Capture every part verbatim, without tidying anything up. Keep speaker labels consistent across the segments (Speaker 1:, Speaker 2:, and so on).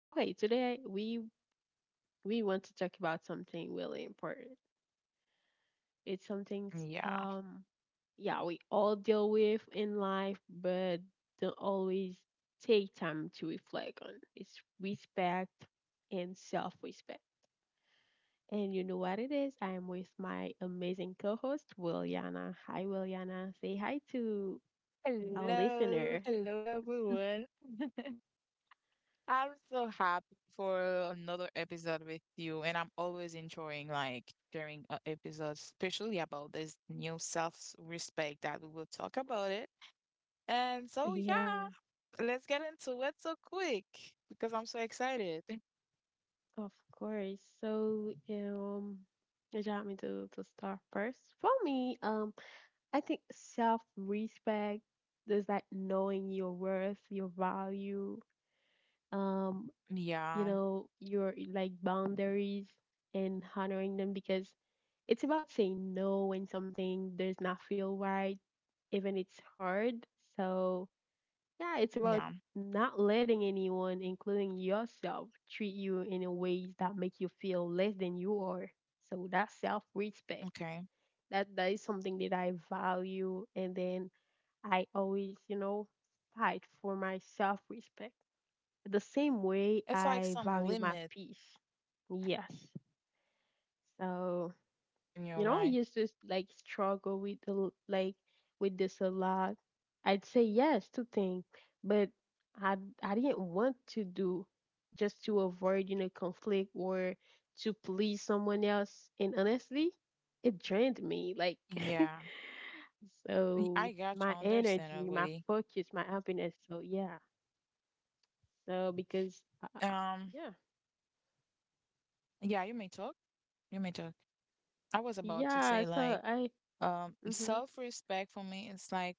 Speaker 1: okay, today we we want to talk about something really important. It's something s-
Speaker 2: Yeah.
Speaker 1: um yeah, we all deal with in life, but don't always take time to reflect on. It's respect and self-respect. And you know what it is? I am with my amazing co-host, Williana. Hi Williana. Say hi to our
Speaker 2: Hello.
Speaker 1: listener.
Speaker 2: Hello, everyone. I'm so happy for another episode with you, and I'm always enjoying like sharing uh, episodes, especially about this new self-respect that we will talk about it. And so,
Speaker 1: Yeah.
Speaker 2: yeah, let's get into it so quick because I'm so excited.
Speaker 1: Of course. So, um, would you want me to, to start first? For me, um, I think self respect is like knowing your worth, your value, um, you
Speaker 2: Yeah,
Speaker 1: know, your like boundaries and honoring them because it's about saying no when something does not feel right, even it's hard. So yeah, it's
Speaker 2: yeah,
Speaker 1: about not letting anyone, including yourself, treat you in a ways that make you feel less than you are. So that's self-respect.
Speaker 2: okay.
Speaker 1: That that is something that I value, and then I always, you know, fight for my self-respect. The same way
Speaker 2: It's like
Speaker 1: I
Speaker 2: some
Speaker 1: value my
Speaker 2: limit
Speaker 1: peace. Yes. So,
Speaker 2: in your
Speaker 1: you know, I
Speaker 2: mind.
Speaker 1: used to like struggle with the l- like with this a lot. I'd say yes to things, but I I didn't want to do just to avoid you know conflict or to please someone else. And honestly, it drained me. Like
Speaker 2: Yeah,
Speaker 1: so,
Speaker 2: I got you.
Speaker 1: my
Speaker 2: I understand
Speaker 1: energy, my
Speaker 2: already.
Speaker 1: focus, my happiness. So yeah. So because uh,
Speaker 2: Um,
Speaker 1: yeah,
Speaker 2: Yeah, you may talk. You may talk. I was about to
Speaker 1: yeah.
Speaker 2: say
Speaker 1: So
Speaker 2: like
Speaker 1: I,
Speaker 2: um
Speaker 1: mhm,
Speaker 2: self-respect for me it's like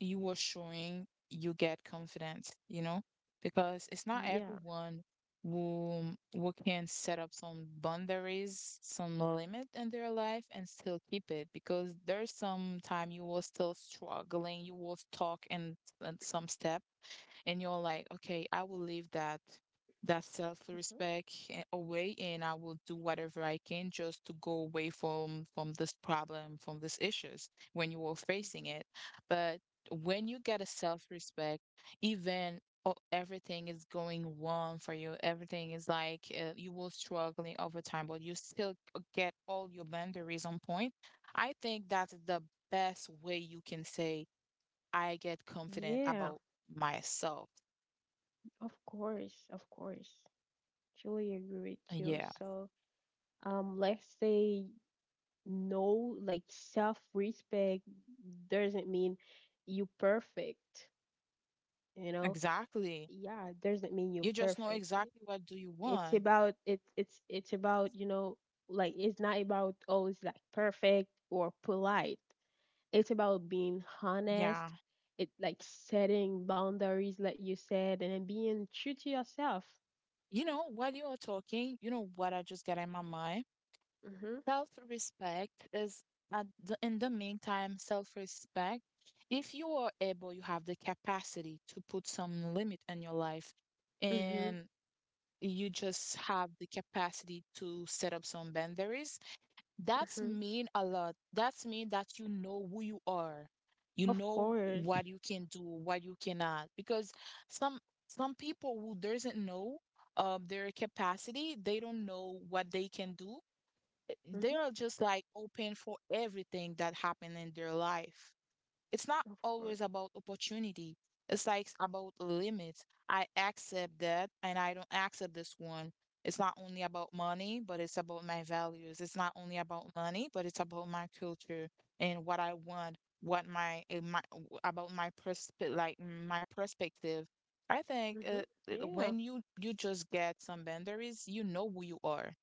Speaker 2: you are showing you get confidence, you know? Because it's not
Speaker 1: yeah,
Speaker 2: everyone who who can set up some boundaries, some limit in their life and still keep it because there's some time you will still struggling, you will stuck in, in some step and you're like, okay, I will leave that that
Speaker 1: mhm.
Speaker 2: self-respect a- away and I will do whatever I can just to go away from from this problem, from these issues when you were facing
Speaker 1: Mhm.
Speaker 2: it. But when you get a self-respect, even o- everything is going wrong for you, everything is like uh, you will struggling over time, but you still g- get all your boundaries on point. I think that's the best way you can say I get confident
Speaker 1: Yeah.
Speaker 2: about myself.
Speaker 1: Of course, of course. Truly agree
Speaker 2: Uh,
Speaker 1: with you.
Speaker 2: Yeah,
Speaker 1: So, um, let's say no, like self-respect doesn't mean you perfect, you know?
Speaker 2: exactly.
Speaker 1: Yeah, it doesn't mean you're
Speaker 2: You just know
Speaker 1: perfect.
Speaker 2: exactly what do you
Speaker 1: It's
Speaker 2: want.
Speaker 1: about it it's it's about, you know, like it's not about always like perfect or polite. It's about being
Speaker 2: Yeah.
Speaker 1: honest. It like setting boundaries, like you said, and being true to yourself.
Speaker 2: You know, while you are talking, you know what I just got in my mind?
Speaker 1: Mm-hmm.
Speaker 2: Self-respect is at the, in the meantime, self-respect. If you are able, you have the capacity to put some limit in your life
Speaker 1: Mm-hmm.
Speaker 2: and you just have the capacity to set up some boundaries. That's
Speaker 1: Mm-hmm.
Speaker 2: mean a lot. That's mean that you know who you are. You
Speaker 1: Of
Speaker 2: know
Speaker 1: course.
Speaker 2: what you can do, what you cannot. Because some some people who doesn't know um their capacity, they don't know what they can do. They
Speaker 1: Hmm.
Speaker 2: are just like open for everything that happened in their life. It's not
Speaker 1: Of course.
Speaker 2: always about opportunity. It's like about limits. I accept that and I don't accept this one. It's not only about money, but it's about my values. It's not only about money, but it's about my culture and what I want, what my, eh, my about my perspe- like my perspective. I think uh,
Speaker 1: Hmm.
Speaker 2: eh,
Speaker 1: Yeah,
Speaker 2: when you you just get some boundaries, you know who you are.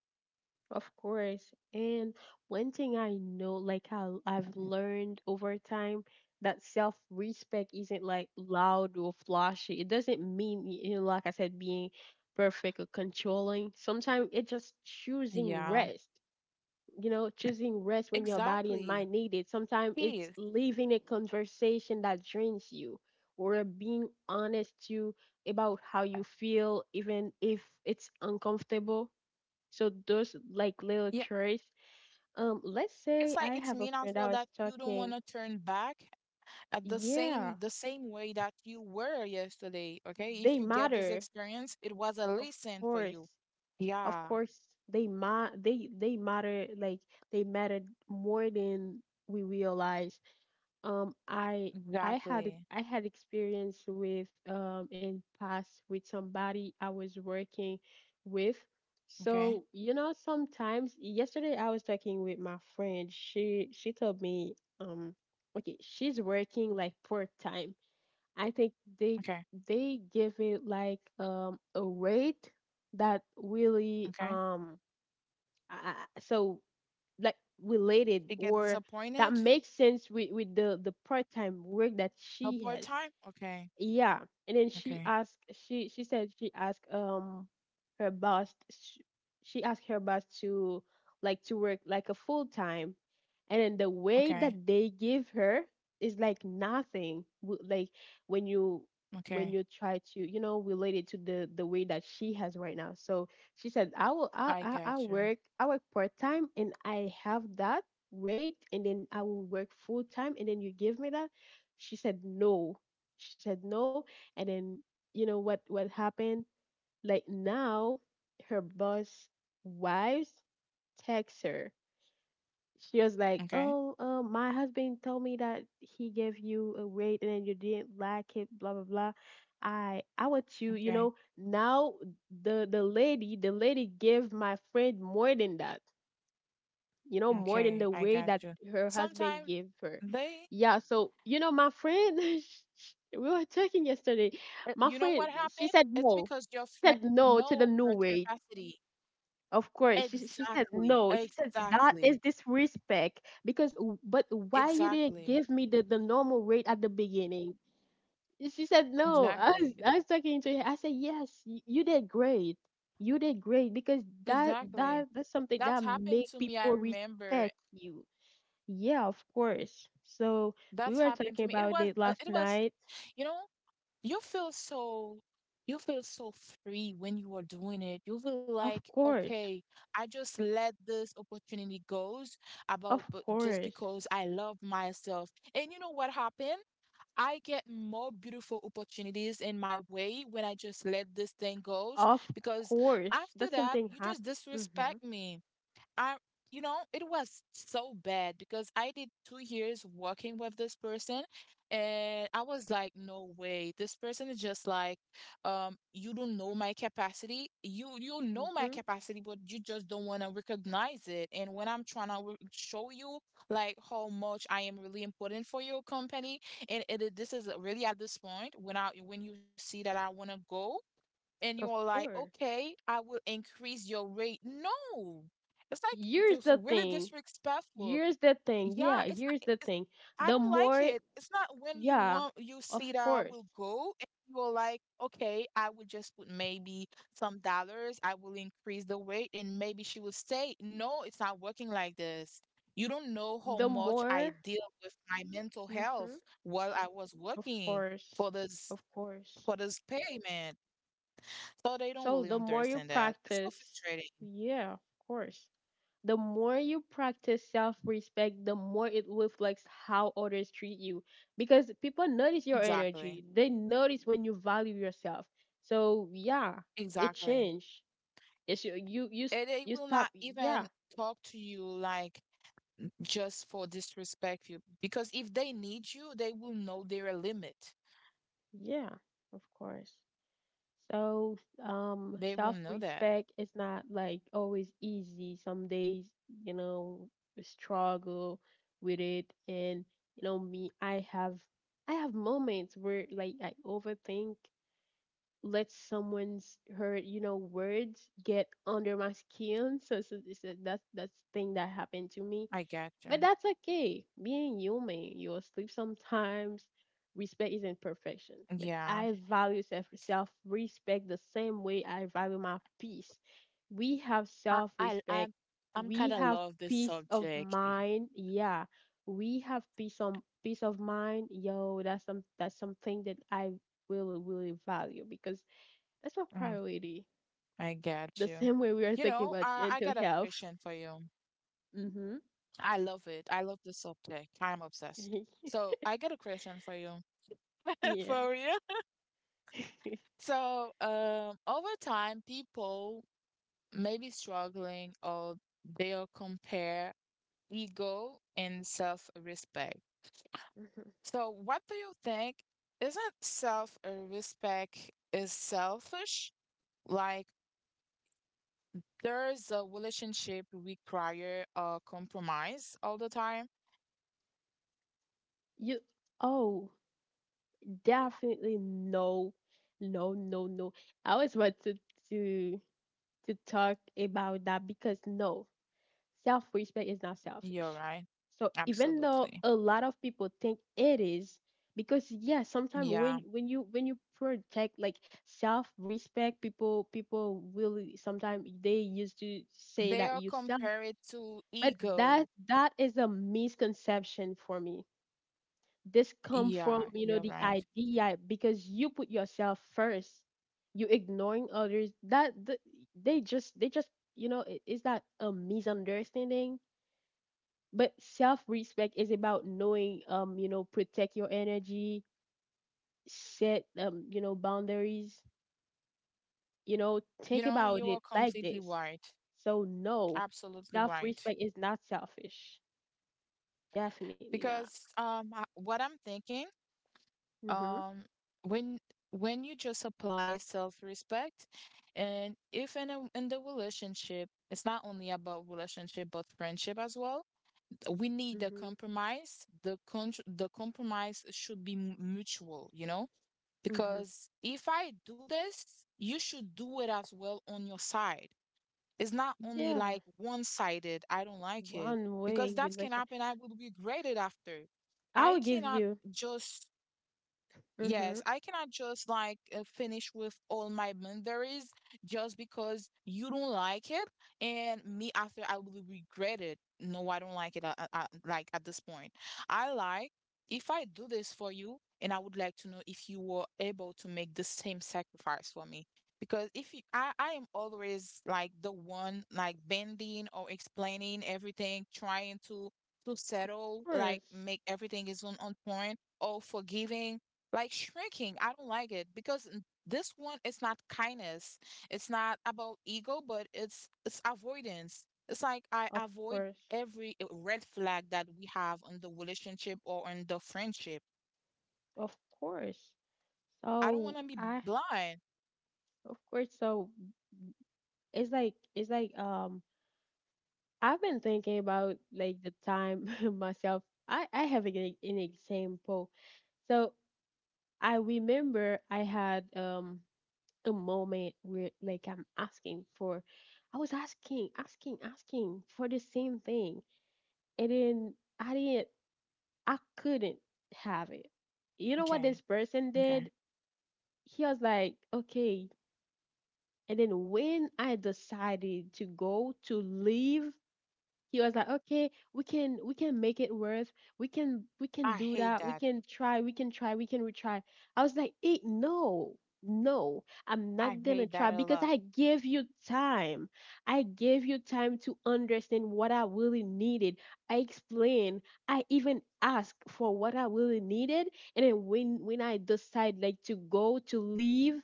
Speaker 1: of course. And one thing I know, like how I've learned over time, that self-respect isn't like loud or flashy. It doesn't mean, y- you know, like I said, being perfect or controlling. Sometimes it's just choosing
Speaker 2: Yeah,
Speaker 1: rest. you know, choosing rest when your body and
Speaker 2: exactly.
Speaker 1: mind need it. Sometimes it's
Speaker 2: Peace.
Speaker 1: leaving a conversation that drains you or being honest to about how you feel, even if it's uncomfortable. So those like little
Speaker 2: Yeah,
Speaker 1: choice. Um, let's
Speaker 2: it's
Speaker 1: say
Speaker 2: like
Speaker 1: I
Speaker 2: it's
Speaker 1: have a
Speaker 2: mean as
Speaker 1: friend
Speaker 2: well
Speaker 1: I
Speaker 2: that
Speaker 1: was
Speaker 2: you don't want
Speaker 1: talking.
Speaker 2: to turn back at the same
Speaker 1: Yeah,
Speaker 2: the same way that you were yesterday. Okay, if
Speaker 1: they
Speaker 2: you get this
Speaker 1: matter,
Speaker 2: experience it was a
Speaker 1: of
Speaker 2: lesson for you.
Speaker 1: course. Of
Speaker 2: Yeah,
Speaker 1: course, they ma they they matter like they matter more than we realize. Um, I I had it-
Speaker 2: exactly.
Speaker 1: I had experience with um in past with somebody I was working with.
Speaker 2: Okay.
Speaker 1: So, you know, sometimes yesterday I was talking with my friend. She she told me um okay, she's working like part time. I think they
Speaker 2: Okay.
Speaker 1: they give it like um a rate that really,
Speaker 2: Okay.
Speaker 1: um I, I- so like related
Speaker 2: You get
Speaker 1: or that
Speaker 2: disappointed.
Speaker 1: makes sense with, with the the part-time work that
Speaker 2: A
Speaker 1: she
Speaker 2: part
Speaker 1: has.
Speaker 2: time, okay.
Speaker 1: Yeah, and then she
Speaker 2: Okay.
Speaker 1: asked. She she said she asked um her boss. She, she asked her boss to like to work like a full time, and then the way
Speaker 2: Okay.
Speaker 1: that they give her is like nothing. W- Like when you
Speaker 2: Okay.
Speaker 1: when you try to you know relate it to the the way that she has right now. So she said, I will
Speaker 2: I
Speaker 1: I I,
Speaker 2: get you.
Speaker 1: I work I work part time and I have that rate, and then I will work full time, and then you give me that. She said no. She said no. And then, you know what what happened, like now her boss wives text her. She was like,
Speaker 2: Okay.
Speaker 1: oh, uh, my husband told me that he gave you a rate and then you didn't like it, blah blah blah. i i want you, you
Speaker 2: Okay.
Speaker 1: know now, the the lady the lady gave my friend more than that, you know, more than
Speaker 2: Okay.
Speaker 1: the
Speaker 2: I
Speaker 1: way
Speaker 2: got
Speaker 1: that
Speaker 2: you.
Speaker 1: her husband
Speaker 2: Sometimes
Speaker 1: gave her.
Speaker 2: they
Speaker 1: Yeah, so, you know, my friend, sh- sh- we were talking yesterday.
Speaker 2: uh,
Speaker 1: My
Speaker 2: you know
Speaker 1: friend,
Speaker 2: what
Speaker 1: she
Speaker 2: happened,
Speaker 1: said
Speaker 2: it's
Speaker 1: no.
Speaker 2: because your
Speaker 1: She
Speaker 2: friend
Speaker 1: said no to the
Speaker 2: know
Speaker 1: new
Speaker 2: her
Speaker 1: way.
Speaker 2: capacity.
Speaker 1: Of course, she she said
Speaker 2: Exactly.
Speaker 1: no. She said that is
Speaker 2: Exactly.
Speaker 1: disrespect because w- but why you didn't
Speaker 2: Exactly.
Speaker 1: give me the the normal rate at the beginning? She said no. I
Speaker 2: Exactly.
Speaker 1: was
Speaker 2: It-
Speaker 1: I was talking to her. I said yes, y- you did great. You did great because that
Speaker 2: Exactly.
Speaker 1: that that's something
Speaker 2: That's
Speaker 1: that
Speaker 2: happened
Speaker 1: make
Speaker 2: to me. I
Speaker 1: people
Speaker 2: remember
Speaker 1: respect you. Yeah, of course. So we
Speaker 2: that's
Speaker 1: were
Speaker 2: happened
Speaker 1: talking
Speaker 2: to me. It
Speaker 1: about
Speaker 2: was
Speaker 1: it
Speaker 2: uh,
Speaker 1: last
Speaker 2: it was,
Speaker 1: night.
Speaker 2: you know, you feel so you feel so free when you are doing it. You feel
Speaker 1: Of
Speaker 2: like,
Speaker 1: course.
Speaker 2: okay, I just let this opportunity goes about
Speaker 1: Of
Speaker 2: but just
Speaker 1: course.
Speaker 2: because I love myself. And you know what happened? I get more beautiful opportunities in my way when I just let this thing goes
Speaker 1: Of
Speaker 2: because
Speaker 1: course. That
Speaker 2: after that,
Speaker 1: something
Speaker 2: you just
Speaker 1: happened. Mm-hmm.
Speaker 2: disrespect me. I, you know, it was so bad because I did two years working with this person, and I was like, no way, this person is just like, um, you don't know my capacity. You you know my
Speaker 1: Mm-hmm.
Speaker 2: capacity, but you just don't want to recognize it. And when I'm trying to re- show you like how much I am really important for your company, and it, it- this is really at this point when I when you see that I want to go and you're
Speaker 1: Of
Speaker 2: like,
Speaker 1: course.
Speaker 2: okay, I will increase your rate. No, it's like it's
Speaker 1: Here's the
Speaker 2: really
Speaker 1: thing.
Speaker 2: disrespectful.
Speaker 1: Here's the thing.
Speaker 2: Yeah,
Speaker 1: Yeah,
Speaker 2: it's not.
Speaker 1: here's the
Speaker 2: It's,
Speaker 1: thing.
Speaker 2: I
Speaker 1: The
Speaker 2: don't like
Speaker 1: more,
Speaker 2: it. It's not when you
Speaker 1: yeah,
Speaker 2: want you
Speaker 1: of
Speaker 2: see that I
Speaker 1: course.
Speaker 2: will go and you're like, okay, I will just put maybe some dollars. I will increase the rate and maybe she will say, no, it's not working like this. You don't know how
Speaker 1: The
Speaker 2: much I
Speaker 1: more,
Speaker 2: deal with my mental
Speaker 1: mm-hmm.
Speaker 2: health while I was
Speaker 1: Of
Speaker 2: working for
Speaker 1: course.
Speaker 2: this
Speaker 1: Of course.
Speaker 2: for this payment. So they don't really
Speaker 1: So the more you
Speaker 2: understand that. It's so
Speaker 1: practice,
Speaker 2: frustrating.
Speaker 1: yeah, of course. The more you practice self respect, the more it reflects how others treat you. Because people notice your
Speaker 2: Exactly.
Speaker 1: energy, they notice when you value yourself. So, yeah, it
Speaker 2: Exactly.
Speaker 1: changed. It's you, you, you, s-
Speaker 2: And they
Speaker 1: you
Speaker 2: will
Speaker 1: stop.
Speaker 2: not
Speaker 1: Yeah,
Speaker 2: even talk to you like just for disrespect you because if they need you, they will know their limit.
Speaker 1: yeah, of course. So, um,
Speaker 2: They will know that.
Speaker 1: self-respect is not like always easy. Some days, you know, we struggle with it, and you know, me, I have, I have moments where like I overthink, let someone's hurt, you know, words get under my skin. So, so, so that's that's thing that happened to me,
Speaker 2: I get you.
Speaker 1: but that's okay. Being human, you will sleep sometimes. Respect isn't perfection, but
Speaker 2: Yeah.
Speaker 1: I value self self respect the same way I value my peace. We have
Speaker 2: I
Speaker 1: self
Speaker 2: I
Speaker 1: respect.
Speaker 2: I'm, I'm
Speaker 1: We
Speaker 2: kind of
Speaker 1: have
Speaker 2: love this
Speaker 1: peace of
Speaker 2: subject.
Speaker 1: mind. Yeah, we have peace on peace of mind. Yo, that's some that's something that I really really value because that's my
Speaker 2: Mm,
Speaker 1: priority.
Speaker 2: I get
Speaker 1: The
Speaker 2: you.
Speaker 1: same way we are
Speaker 2: You
Speaker 1: talking
Speaker 2: know,
Speaker 1: about
Speaker 2: I I
Speaker 1: mental
Speaker 2: got a
Speaker 1: health.
Speaker 2: question for you.
Speaker 1: Mhm.
Speaker 2: I love it. I love the subject. I'm obsessed. So I got a question for you.
Speaker 1: yeah.
Speaker 2: For real? So, um, over time, people may be struggling or they'll compare ego and self-respect. So, what do you think? Isn't self-respect is selfish? Like, there's a relationship require a compromise all the time?
Speaker 1: You oh, definitely no. No, no, no. I always want to to to talk about that because no, self-respect is not
Speaker 2: You're
Speaker 1: selfish.
Speaker 2: right.
Speaker 1: So even though
Speaker 2: Absolutely.
Speaker 1: a lot of people think it is, because yeah, sometimes
Speaker 2: Yeah.
Speaker 1: when when you when you protect like self-respect, people people will sometimes they used to say
Speaker 2: They
Speaker 1: that
Speaker 2: are
Speaker 1: you self,
Speaker 2: compared to
Speaker 1: but that
Speaker 2: ego.
Speaker 1: that is a misconception for me. This come from
Speaker 2: Yeah,
Speaker 1: you know
Speaker 2: you're
Speaker 1: the
Speaker 2: right.
Speaker 1: idea because you put yourself first, you ignoring others. That th- they just they just, you know i- is that a misunderstanding? But self-respect is about knowing, um you know protect your energy, set, um you know boundaries. You know
Speaker 2: You
Speaker 1: think
Speaker 2: know,
Speaker 1: about
Speaker 2: you
Speaker 1: it
Speaker 2: are
Speaker 1: like
Speaker 2: completely
Speaker 1: this.
Speaker 2: right.
Speaker 1: So no,
Speaker 2: Absolutely right.
Speaker 1: self-respect is not selfish. Definitely not.
Speaker 2: Because um I- what I'm thinking,
Speaker 1: Mhm.
Speaker 2: um when when you just apply self-respect and if in a in the relationship, it's not only about relationship but friendship as well. We need a
Speaker 1: Mhm.
Speaker 2: compromise. The con the compromise should be mu- mutual, you know?
Speaker 1: Mhm.
Speaker 2: Because if I do this, you should do it as well on your side. It's not only
Speaker 1: Yeah,
Speaker 2: like one sided, I don't like it,
Speaker 1: one
Speaker 2: because
Speaker 1: way
Speaker 2: that can
Speaker 1: relation.
Speaker 2: happen. I will regret it after. I
Speaker 1: I'll give
Speaker 2: cannot
Speaker 1: you.
Speaker 2: just
Speaker 1: Mm-hmm.
Speaker 2: Yes, I cannot just like uh, finish with all my boundaries just because you don't like it, and me after I will regret it. No, I don't like it. uh uh uh, like at this point, I like if I do this for you, and I would like to know if you were able to make the same sacrifice for me. Because if you, I, I am always like the one like bending or explaining everything, trying to to
Speaker 1: Of
Speaker 2: settle, like
Speaker 1: course.
Speaker 2: make everything is on on point or forgiving like shrinking, I don't like it because n- this one is not kindness. It's not about ego, but it's it's avoidance. It's like I
Speaker 1: Of
Speaker 2: avoid
Speaker 1: course.
Speaker 2: every uh, red flag that we have on the relationship or on the friendship.
Speaker 1: Of course.
Speaker 2: I don't want
Speaker 1: So
Speaker 2: to be
Speaker 1: I,
Speaker 2: blind.
Speaker 1: of course. So it's like it's like um I've been thinking about, like, the time myself. I I have an, e- an example. So I remember I had um a moment where like I'm asking for I was asking, asking, asking for the same thing. And then I didn't I couldn't have it. You know what
Speaker 2: Okay.
Speaker 1: this person
Speaker 2: Okay.
Speaker 1: did? He was like, okay. And then when I decided to go to leave, he was like, okay, we can we can make it worth, we can we can
Speaker 2: I
Speaker 1: do
Speaker 2: hate
Speaker 1: that, we
Speaker 2: that.
Speaker 1: can try we can try we can retry. I was like, eh, no, no, I'm
Speaker 2: I
Speaker 1: not gonna
Speaker 2: hate that
Speaker 1: try
Speaker 2: a
Speaker 1: because
Speaker 2: lot.
Speaker 1: I gave you time. I gave you time to understand what I really needed. I explained. I even asked for what I really needed. And then when when I decide like to go to leave,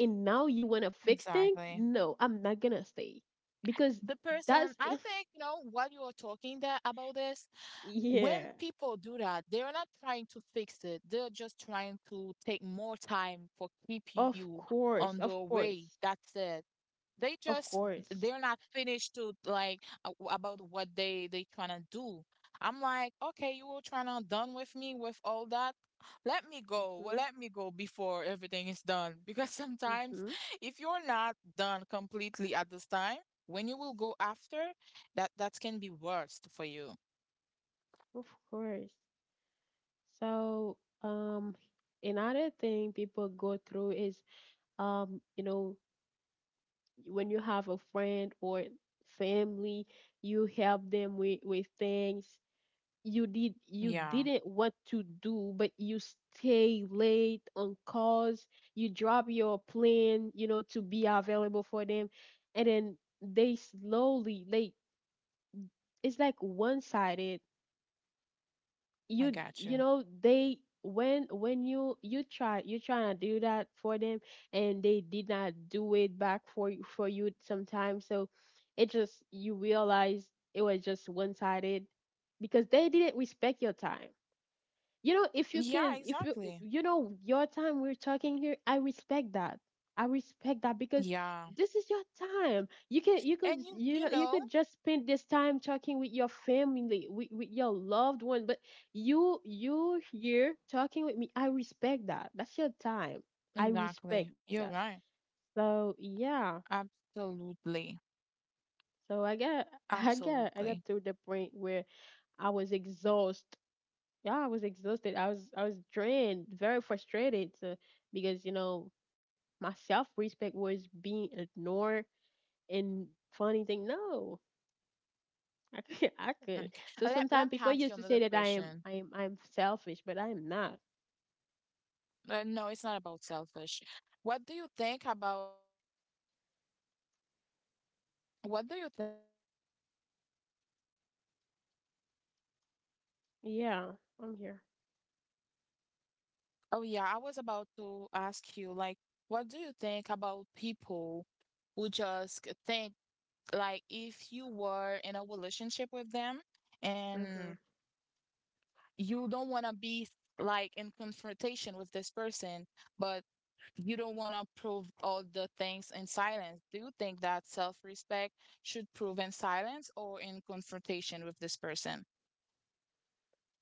Speaker 1: and now you want to fix things?
Speaker 2: Exactly.
Speaker 1: No, I'm not gonna stay because
Speaker 2: The person,
Speaker 1: that's
Speaker 2: I think, you know, while you are talking that about this, when
Speaker 1: yeah.
Speaker 2: people do that, they're not trying to fix it. They're just trying to take more time for keep you
Speaker 1: Of
Speaker 2: on
Speaker 1: course,
Speaker 2: the
Speaker 1: of
Speaker 2: way.
Speaker 1: course,
Speaker 2: That's it. They
Speaker 1: of
Speaker 2: just
Speaker 1: course.
Speaker 2: they're not finished to like a- about what they they trying to do. I'm like, okay, you were trying to done with me with all that. Let me go. Well,
Speaker 1: Mm-hmm.
Speaker 2: let me go before everything is done. Because sometimes
Speaker 1: Mm-hmm.
Speaker 2: if you're not done completely at this time, when you will go after, that that can be worst for you.
Speaker 1: Of course. So, um, another thing people go through is, um, you know, when you have a friend or family, you help them with with things you did you
Speaker 2: Yeah.
Speaker 1: didn't want to do, but you stay late on calls. You drop your plan, you know, to be available for them, and then they slowly, like, it's like one sided.
Speaker 2: I
Speaker 1: You
Speaker 2: got you.
Speaker 1: you know they, when when you you try you trying to do that for them, and they did not do it back for you for you sometimes. So it just you realize it was just one sided because they didn't respect your time. you know if you
Speaker 2: Yeah,
Speaker 1: can if you,
Speaker 2: exactly.
Speaker 1: you know your time, we're talking here, I respect that. I respect that because
Speaker 2: Yeah.
Speaker 1: this is your time. you can you could
Speaker 2: And you
Speaker 1: you
Speaker 2: you
Speaker 1: know you
Speaker 2: know,
Speaker 1: could just spend this time talking with your family with, with your loved one, but you you here talking with me. I respect that. That's your time. I
Speaker 2: exactly.
Speaker 1: respect that.
Speaker 2: You're right.
Speaker 1: So yeah.
Speaker 2: Absolutely.
Speaker 1: So I got, i got i got
Speaker 2: Absolutely.
Speaker 1: to the point where I was exhausted. Yeah, I was exhausted. I was I was drained, very frustrated, uh, because you know my self respect was being ignored. And funny thing, no, I couldn't, I couldn't.
Speaker 2: Okay.
Speaker 1: So
Speaker 2: Uh, Let
Speaker 1: sometimes
Speaker 2: let me
Speaker 1: people
Speaker 2: ask you
Speaker 1: used to say
Speaker 2: another
Speaker 1: that I am
Speaker 2: question.
Speaker 1: I am I'm selfish, but I am not.
Speaker 2: Uh, no, it's not about selfish. What do you think about what do you think?
Speaker 1: Yeah, I'm here.
Speaker 2: Oh yeah, I was about to ask you like what do you think about people who just think like if you were in a relationship with them
Speaker 1: Hmm.
Speaker 2: and you don't want to be like in confrontation with this person, but you don't want to prove all the things in silence. Do you think that self respect should prove in silence or in confrontation with this person?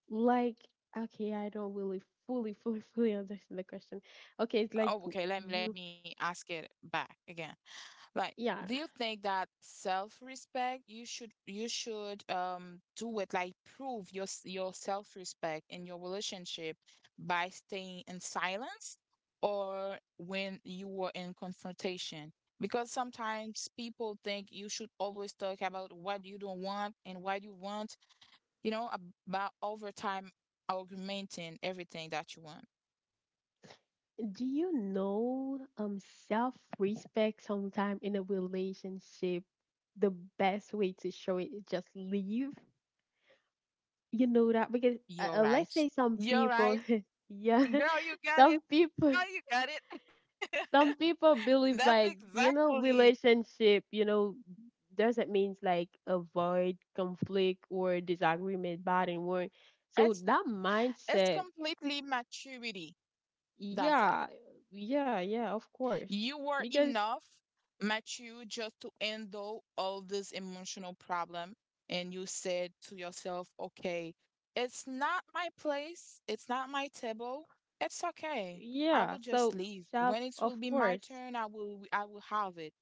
Speaker 1: Like, okay, I don't really fully fully fully understand the question. Okay, it's like
Speaker 2: Oh, okay, let me let
Speaker 1: you.
Speaker 2: me ask it back again. Like
Speaker 1: Yeah,
Speaker 2: do you think that self-respect you should you should um do it like prove your s- your self-respect in your relationship by staying in silence or when you were in confrontation because sometimes people think you should always talk about what you don't want and what you want you know, about over time augmenting everything that you want.
Speaker 1: do you know um self respect sometime in a relationship, the best way to show it is just leave? You know that because uh, uh,
Speaker 2: You're
Speaker 1: let's
Speaker 2: right.
Speaker 1: say some
Speaker 2: You're
Speaker 1: people
Speaker 2: right.
Speaker 1: yeah
Speaker 2: Girl, you got
Speaker 1: some
Speaker 2: it.
Speaker 1: people
Speaker 2: Girl, you got it.
Speaker 1: some people believe
Speaker 2: That's
Speaker 1: like being in a
Speaker 2: exactly.
Speaker 1: relationship, you know, doesn't means like avoid conflict or disagreement bad and wrong. So
Speaker 2: It's
Speaker 1: that
Speaker 2: it's
Speaker 1: mindset,
Speaker 2: completely maturity. That's it.
Speaker 1: yeah yeah yeah, of course,
Speaker 2: You were
Speaker 1: because
Speaker 2: enough, mature just to handle all this emotional problem. And you said to yourself, okay, it's not my place, it's not my table. It's okay. I
Speaker 1: yeah,
Speaker 2: will just
Speaker 1: so
Speaker 2: leave.
Speaker 1: self,
Speaker 2: When it will
Speaker 1: of
Speaker 2: be my
Speaker 1: course.
Speaker 2: turn, I will I will have it.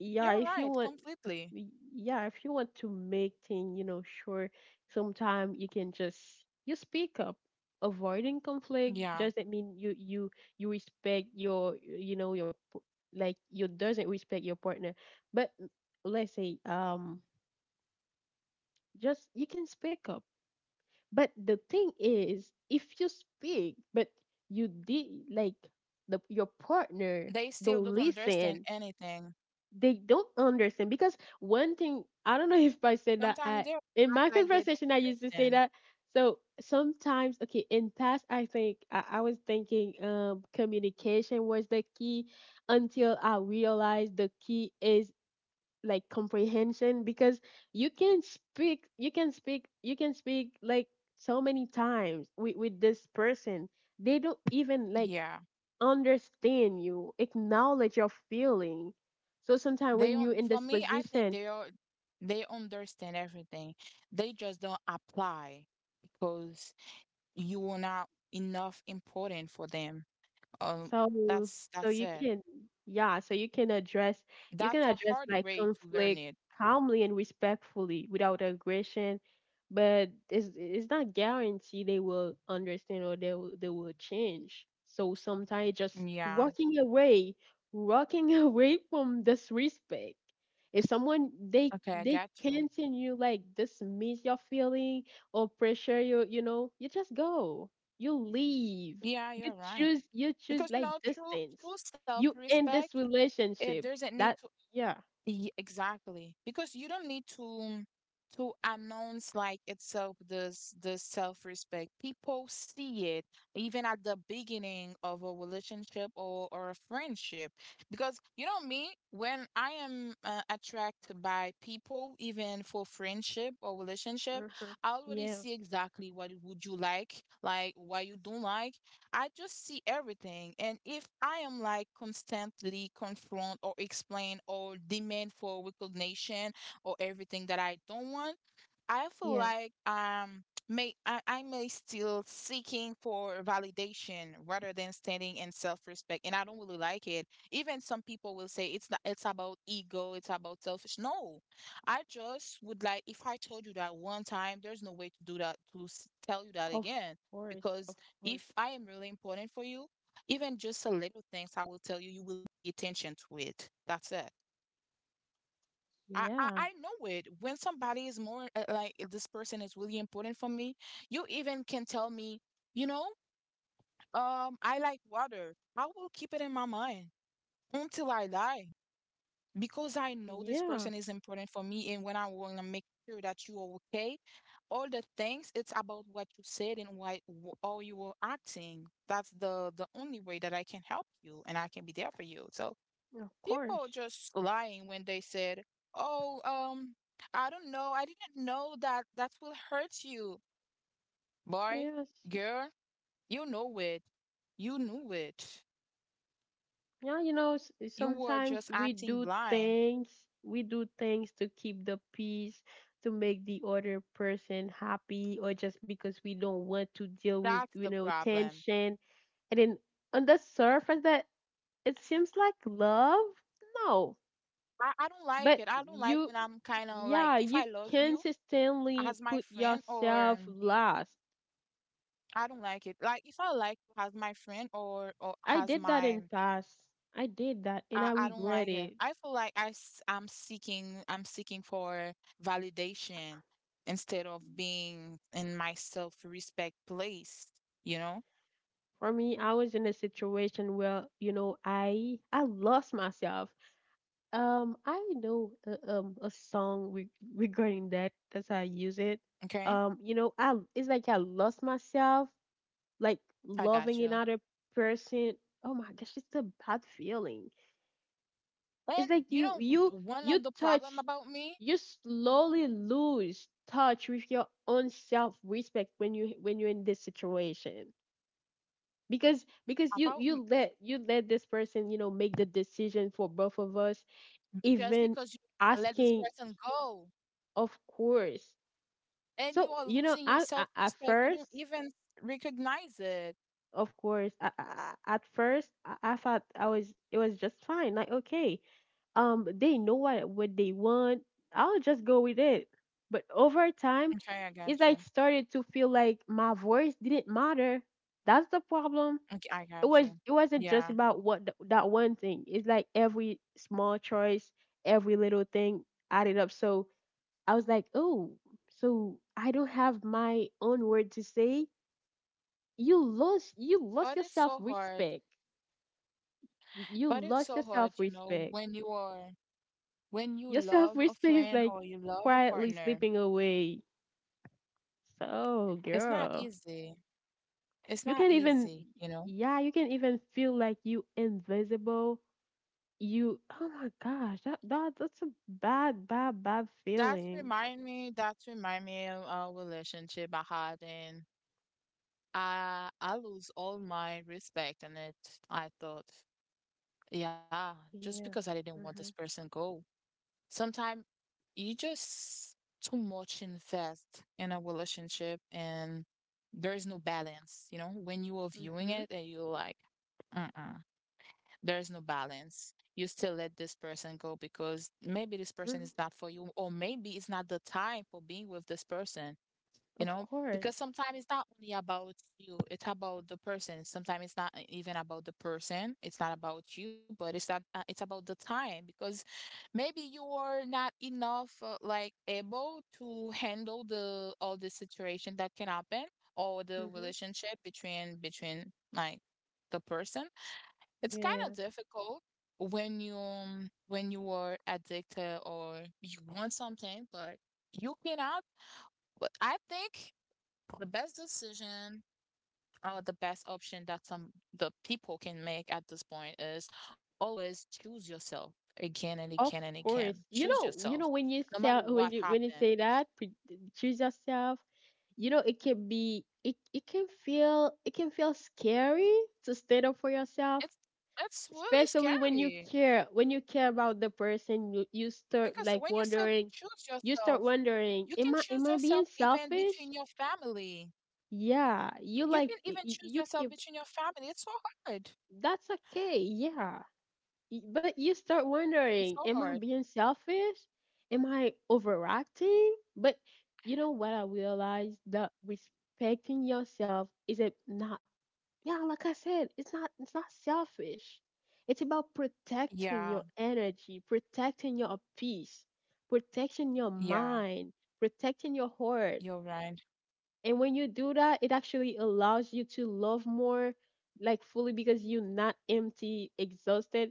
Speaker 1: Yeah,
Speaker 2: You're
Speaker 1: if you
Speaker 2: right,
Speaker 1: want,
Speaker 2: completely.
Speaker 1: y- yeah, if you want to make thing, you know, sure, sometime you can just you speak up. Avoiding conflict
Speaker 2: Yeah.
Speaker 1: doesn't mean you you you respect your, you know, your p- like you doesn't respect your partner. But mm, let's say um just you can speak up. But the thing is, if you speak, but you did, like the your partner
Speaker 2: They still don't
Speaker 1: don't
Speaker 2: understand
Speaker 1: listen,
Speaker 2: anything.
Speaker 1: they don't understand because one thing, I don't know if I said that
Speaker 2: Sometimes
Speaker 1: I,
Speaker 2: they
Speaker 1: in my
Speaker 2: act like they
Speaker 1: conversation I
Speaker 2: don't
Speaker 1: used to say
Speaker 2: understand.
Speaker 1: that. So sometimes, okay, in past I think I, I was thinking um communication was the key until I realized the key is like comprehension because you can speak you can speak you can speak like so many times with, with this person, they don't even like
Speaker 2: Yeah.
Speaker 1: understand you, acknowledge your feeling. So sometimes
Speaker 2: They
Speaker 1: when
Speaker 2: don't,
Speaker 1: you're in
Speaker 2: for
Speaker 1: this
Speaker 2: me, I think
Speaker 1: position,
Speaker 2: they are, they understand everything. They just don't apply because you are not enough important for them. Um,
Speaker 1: So
Speaker 2: that's
Speaker 1: so
Speaker 2: that's
Speaker 1: you
Speaker 2: it.
Speaker 1: can yeah, so you can address you can
Speaker 2: That's a
Speaker 1: address
Speaker 2: hard
Speaker 1: like
Speaker 2: way to learn
Speaker 1: conflict
Speaker 2: it.
Speaker 1: calmly and respectfully without aggression, but it's it's not guaranteed they will understand or they will they will change. So sometimes just
Speaker 2: Yeah.
Speaker 1: walking away, walking away from disrespect. If someone, they
Speaker 2: Okay, I
Speaker 1: they
Speaker 2: got you.
Speaker 1: continue like dismiss your feeling or pressure you, you know, you just go. You leave,
Speaker 2: Yeah,
Speaker 1: you
Speaker 2: you're right.
Speaker 1: choose you choose
Speaker 2: Because you
Speaker 1: like
Speaker 2: know, true
Speaker 1: distance,
Speaker 2: true
Speaker 1: you end
Speaker 2: self-respect,
Speaker 1: this
Speaker 2: it
Speaker 1: relationship.
Speaker 2: doesn't need
Speaker 1: That,
Speaker 2: to.
Speaker 1: yeah,
Speaker 2: Ye- exactly. Because you don't need to to announce like itself this the self-respect. People see it even at the beginning of a relationship or or a friendship. Because you know me, when I am uh, attracted by people, even for friendship or relationship,
Speaker 1: uh
Speaker 2: I already
Speaker 1: yeah
Speaker 2: see exactly what would you like, like what you don't like. I just see everything. And if I am like constantly confront or explain or demand for recognition or everything that I don't want, I feel
Speaker 1: yeah
Speaker 2: like um may I, I may still seeking for validation rather than standing in self-respect, and I don't really like it. Even some people will say it's not, it's about ego, it's about selfish. No. I just would like, if I told you that one time, there's no way to do that to s- tell you that
Speaker 1: of
Speaker 2: again,
Speaker 1: course of
Speaker 2: because
Speaker 1: course
Speaker 2: if I am really important for you, even just a little things I will tell you, you will pay attention to it. That's it. I, I
Speaker 1: yeah
Speaker 2: I know it. When somebody is more, uh, like, uh, this person is really important for me, you even can tell me, you know, um, I like water. I will keep it in my mind until I die, because I know this
Speaker 1: yeah
Speaker 2: person is important for me. And when I want to make sure that you are okay, all the things it's about what you said and why wh- how you were acting. That's the the only way that I can help you and I can be there for you. So
Speaker 1: of
Speaker 2: people
Speaker 1: course
Speaker 2: just lying when they said, "Oh, um, I don't know. I didn't know that that will hurt you, boy,
Speaker 1: yes
Speaker 2: girl. You know it. You knew it.
Speaker 1: yeah You know, s-
Speaker 2: You were just
Speaker 1: sometimes we
Speaker 2: acting
Speaker 1: do
Speaker 2: blind.
Speaker 1: things we do things to keep the peace, to make the other person happy, or just because we don't want to deal with,
Speaker 2: That's the
Speaker 1: you know,
Speaker 2: problem.
Speaker 1: tension, and then on the surface that, it seems like love. No,
Speaker 2: I, I don't like
Speaker 1: but
Speaker 2: it. I don't like when
Speaker 1: you
Speaker 2: I'm kind of like,
Speaker 1: yeah
Speaker 2: if I
Speaker 1: you
Speaker 2: love you as
Speaker 1: consistently
Speaker 2: my
Speaker 1: put
Speaker 2: friend, or
Speaker 1: yourself last.
Speaker 2: I don't like it. Like if I like you as my friend or or
Speaker 1: I
Speaker 2: as
Speaker 1: did that
Speaker 2: my
Speaker 1: in past. I did that and
Speaker 2: I,
Speaker 1: I
Speaker 2: I don't
Speaker 1: regret
Speaker 2: like it.
Speaker 1: it.
Speaker 2: I feel like I am seeking I'm seeking for validation instead of being in my self respect place, you know?
Speaker 1: For me, I was in a situation where, you know, i i lost myself. um I know a, um a song, re- regarding that, that's how I use it.
Speaker 2: Okay?
Speaker 1: Um you know, I it's like I lost myself, like
Speaker 2: I
Speaker 1: loving
Speaker 2: got you.
Speaker 1: another person. Oh my gosh, it's a bad feeling.
Speaker 2: And
Speaker 1: It's like
Speaker 2: you
Speaker 1: you
Speaker 2: know
Speaker 1: you
Speaker 2: one
Speaker 1: you
Speaker 2: of the problem
Speaker 1: touch
Speaker 2: about me,
Speaker 1: you slowly lose touch with your own self respect when you when you're in this situation. Because because you you
Speaker 2: about m-
Speaker 1: let you let this person, you know, make the decision for both of us,
Speaker 2: just
Speaker 1: even
Speaker 2: because you wanna let this
Speaker 1: asking,
Speaker 2: person go,
Speaker 1: of course.
Speaker 2: and you
Speaker 1: So,
Speaker 2: are
Speaker 1: you know,
Speaker 2: losing your
Speaker 1: I, I
Speaker 2: self
Speaker 1: at
Speaker 2: respect, you don't
Speaker 1: first,
Speaker 2: even recognize it.
Speaker 1: of course, I, I, I- at first I, I thought I was it was just fine. Like okay, um, they know what what they want. I'll just go with it. But over time,
Speaker 2: Okay, I got
Speaker 1: it's like
Speaker 2: you.
Speaker 1: started to feel like my voice didn't matter. That's the problem.
Speaker 2: Okay, I
Speaker 1: It was
Speaker 2: got you.
Speaker 1: it wasn't just
Speaker 2: Yeah.
Speaker 1: about what th- that one thing. It's like every small choice, every little thing added up. So I was like, oh, so I don't have my own word to say. You lost you lost your
Speaker 2: But it's
Speaker 1: self
Speaker 2: so hard.
Speaker 1: respect. You
Speaker 2: But it's
Speaker 1: lost your
Speaker 2: so
Speaker 1: self
Speaker 2: hard, you know,
Speaker 1: respect.
Speaker 2: when you are, When you
Speaker 1: Your self
Speaker 2: love a
Speaker 1: respect is
Speaker 2: friend
Speaker 1: like
Speaker 2: or you love a
Speaker 1: quietly
Speaker 2: partner,
Speaker 1: slipping away. So,
Speaker 2: it's not
Speaker 1: girl,
Speaker 2: easy. It's
Speaker 1: you
Speaker 2: not
Speaker 1: can't even,
Speaker 2: easy, you know.
Speaker 1: yeah, you can even feel like you invisible. You, oh my gosh, that that that's a bad bad bad
Speaker 2: That's
Speaker 1: feeling.
Speaker 2: remind me. That's remind me of a relationship I had, and I I lose all my respect in it. I thought, yeah, just
Speaker 1: Yeah.
Speaker 2: because I didn't want
Speaker 1: Mhm.
Speaker 2: this person go. Sometimes you just too much invest in a relationship, and there is no balance. You know, when you are viewing
Speaker 1: Mhm.
Speaker 2: it, and you're like, uh-uh. There's no balance. You still let this person go because maybe this person
Speaker 1: Mhm.
Speaker 2: is not for you, or maybe it's not the time for being with this person, you
Speaker 1: Of
Speaker 2: know?
Speaker 1: course.
Speaker 2: Because sometimes it's not only about you, it's about the person. Sometimes it's not even about the person, it's not about you, but it's that uh, it's about the time, because maybe you are not enough, uh, like able to handle the all the situation that can happen, or the
Speaker 1: Mhm.
Speaker 2: relationship between between like the person. It's kind of
Speaker 1: Yeah.
Speaker 2: difficult when you um, when you are addicted or you want something, but you cannot. But I think the best decision or the best option that some the people can make at this point is always choose yourself again and
Speaker 1: Of
Speaker 2: again and again.
Speaker 1: course. You
Speaker 2: Choose
Speaker 1: know, you
Speaker 2: yourself,
Speaker 1: know when you
Speaker 2: no matter
Speaker 1: say
Speaker 2: what
Speaker 1: when you when you
Speaker 2: happens.
Speaker 1: say that, pre- choose yourself. You know, it can be it it can feel, it can feel scary to stand up for yourself,
Speaker 2: It's it's really
Speaker 1: especially when you
Speaker 2: scary,
Speaker 1: care when you care about the person. You you start
Speaker 2: because
Speaker 1: like
Speaker 2: when you said
Speaker 1: wondering,
Speaker 2: choose
Speaker 1: you
Speaker 2: yourself,
Speaker 1: start wondering,
Speaker 2: you can
Speaker 1: am I
Speaker 2: choose
Speaker 1: am I
Speaker 2: yourself
Speaker 1: being
Speaker 2: even
Speaker 1: selfish?
Speaker 2: between your family.
Speaker 1: Yeah, you
Speaker 2: You
Speaker 1: like
Speaker 2: can
Speaker 1: y-
Speaker 2: even
Speaker 1: y-
Speaker 2: choose
Speaker 1: you
Speaker 2: yourself
Speaker 1: keep
Speaker 2: between your family. It's so hard.
Speaker 1: that's okay. Yeah, Y- but you start
Speaker 2: It's so
Speaker 1: wondering, am
Speaker 2: hard.
Speaker 1: I being selfish? Am I overreacting? But you know what? I realized that respecting yourself is it not, yeah, like I said, it's not it's not selfish. It's about protecting
Speaker 2: Yeah,
Speaker 1: your energy, protecting your peace, protecting your
Speaker 2: yeah,
Speaker 1: mind, protecting your heart.
Speaker 2: you're right.
Speaker 1: And when you do that, it actually allows you to love more, like fully, because you're not empty, exhausted,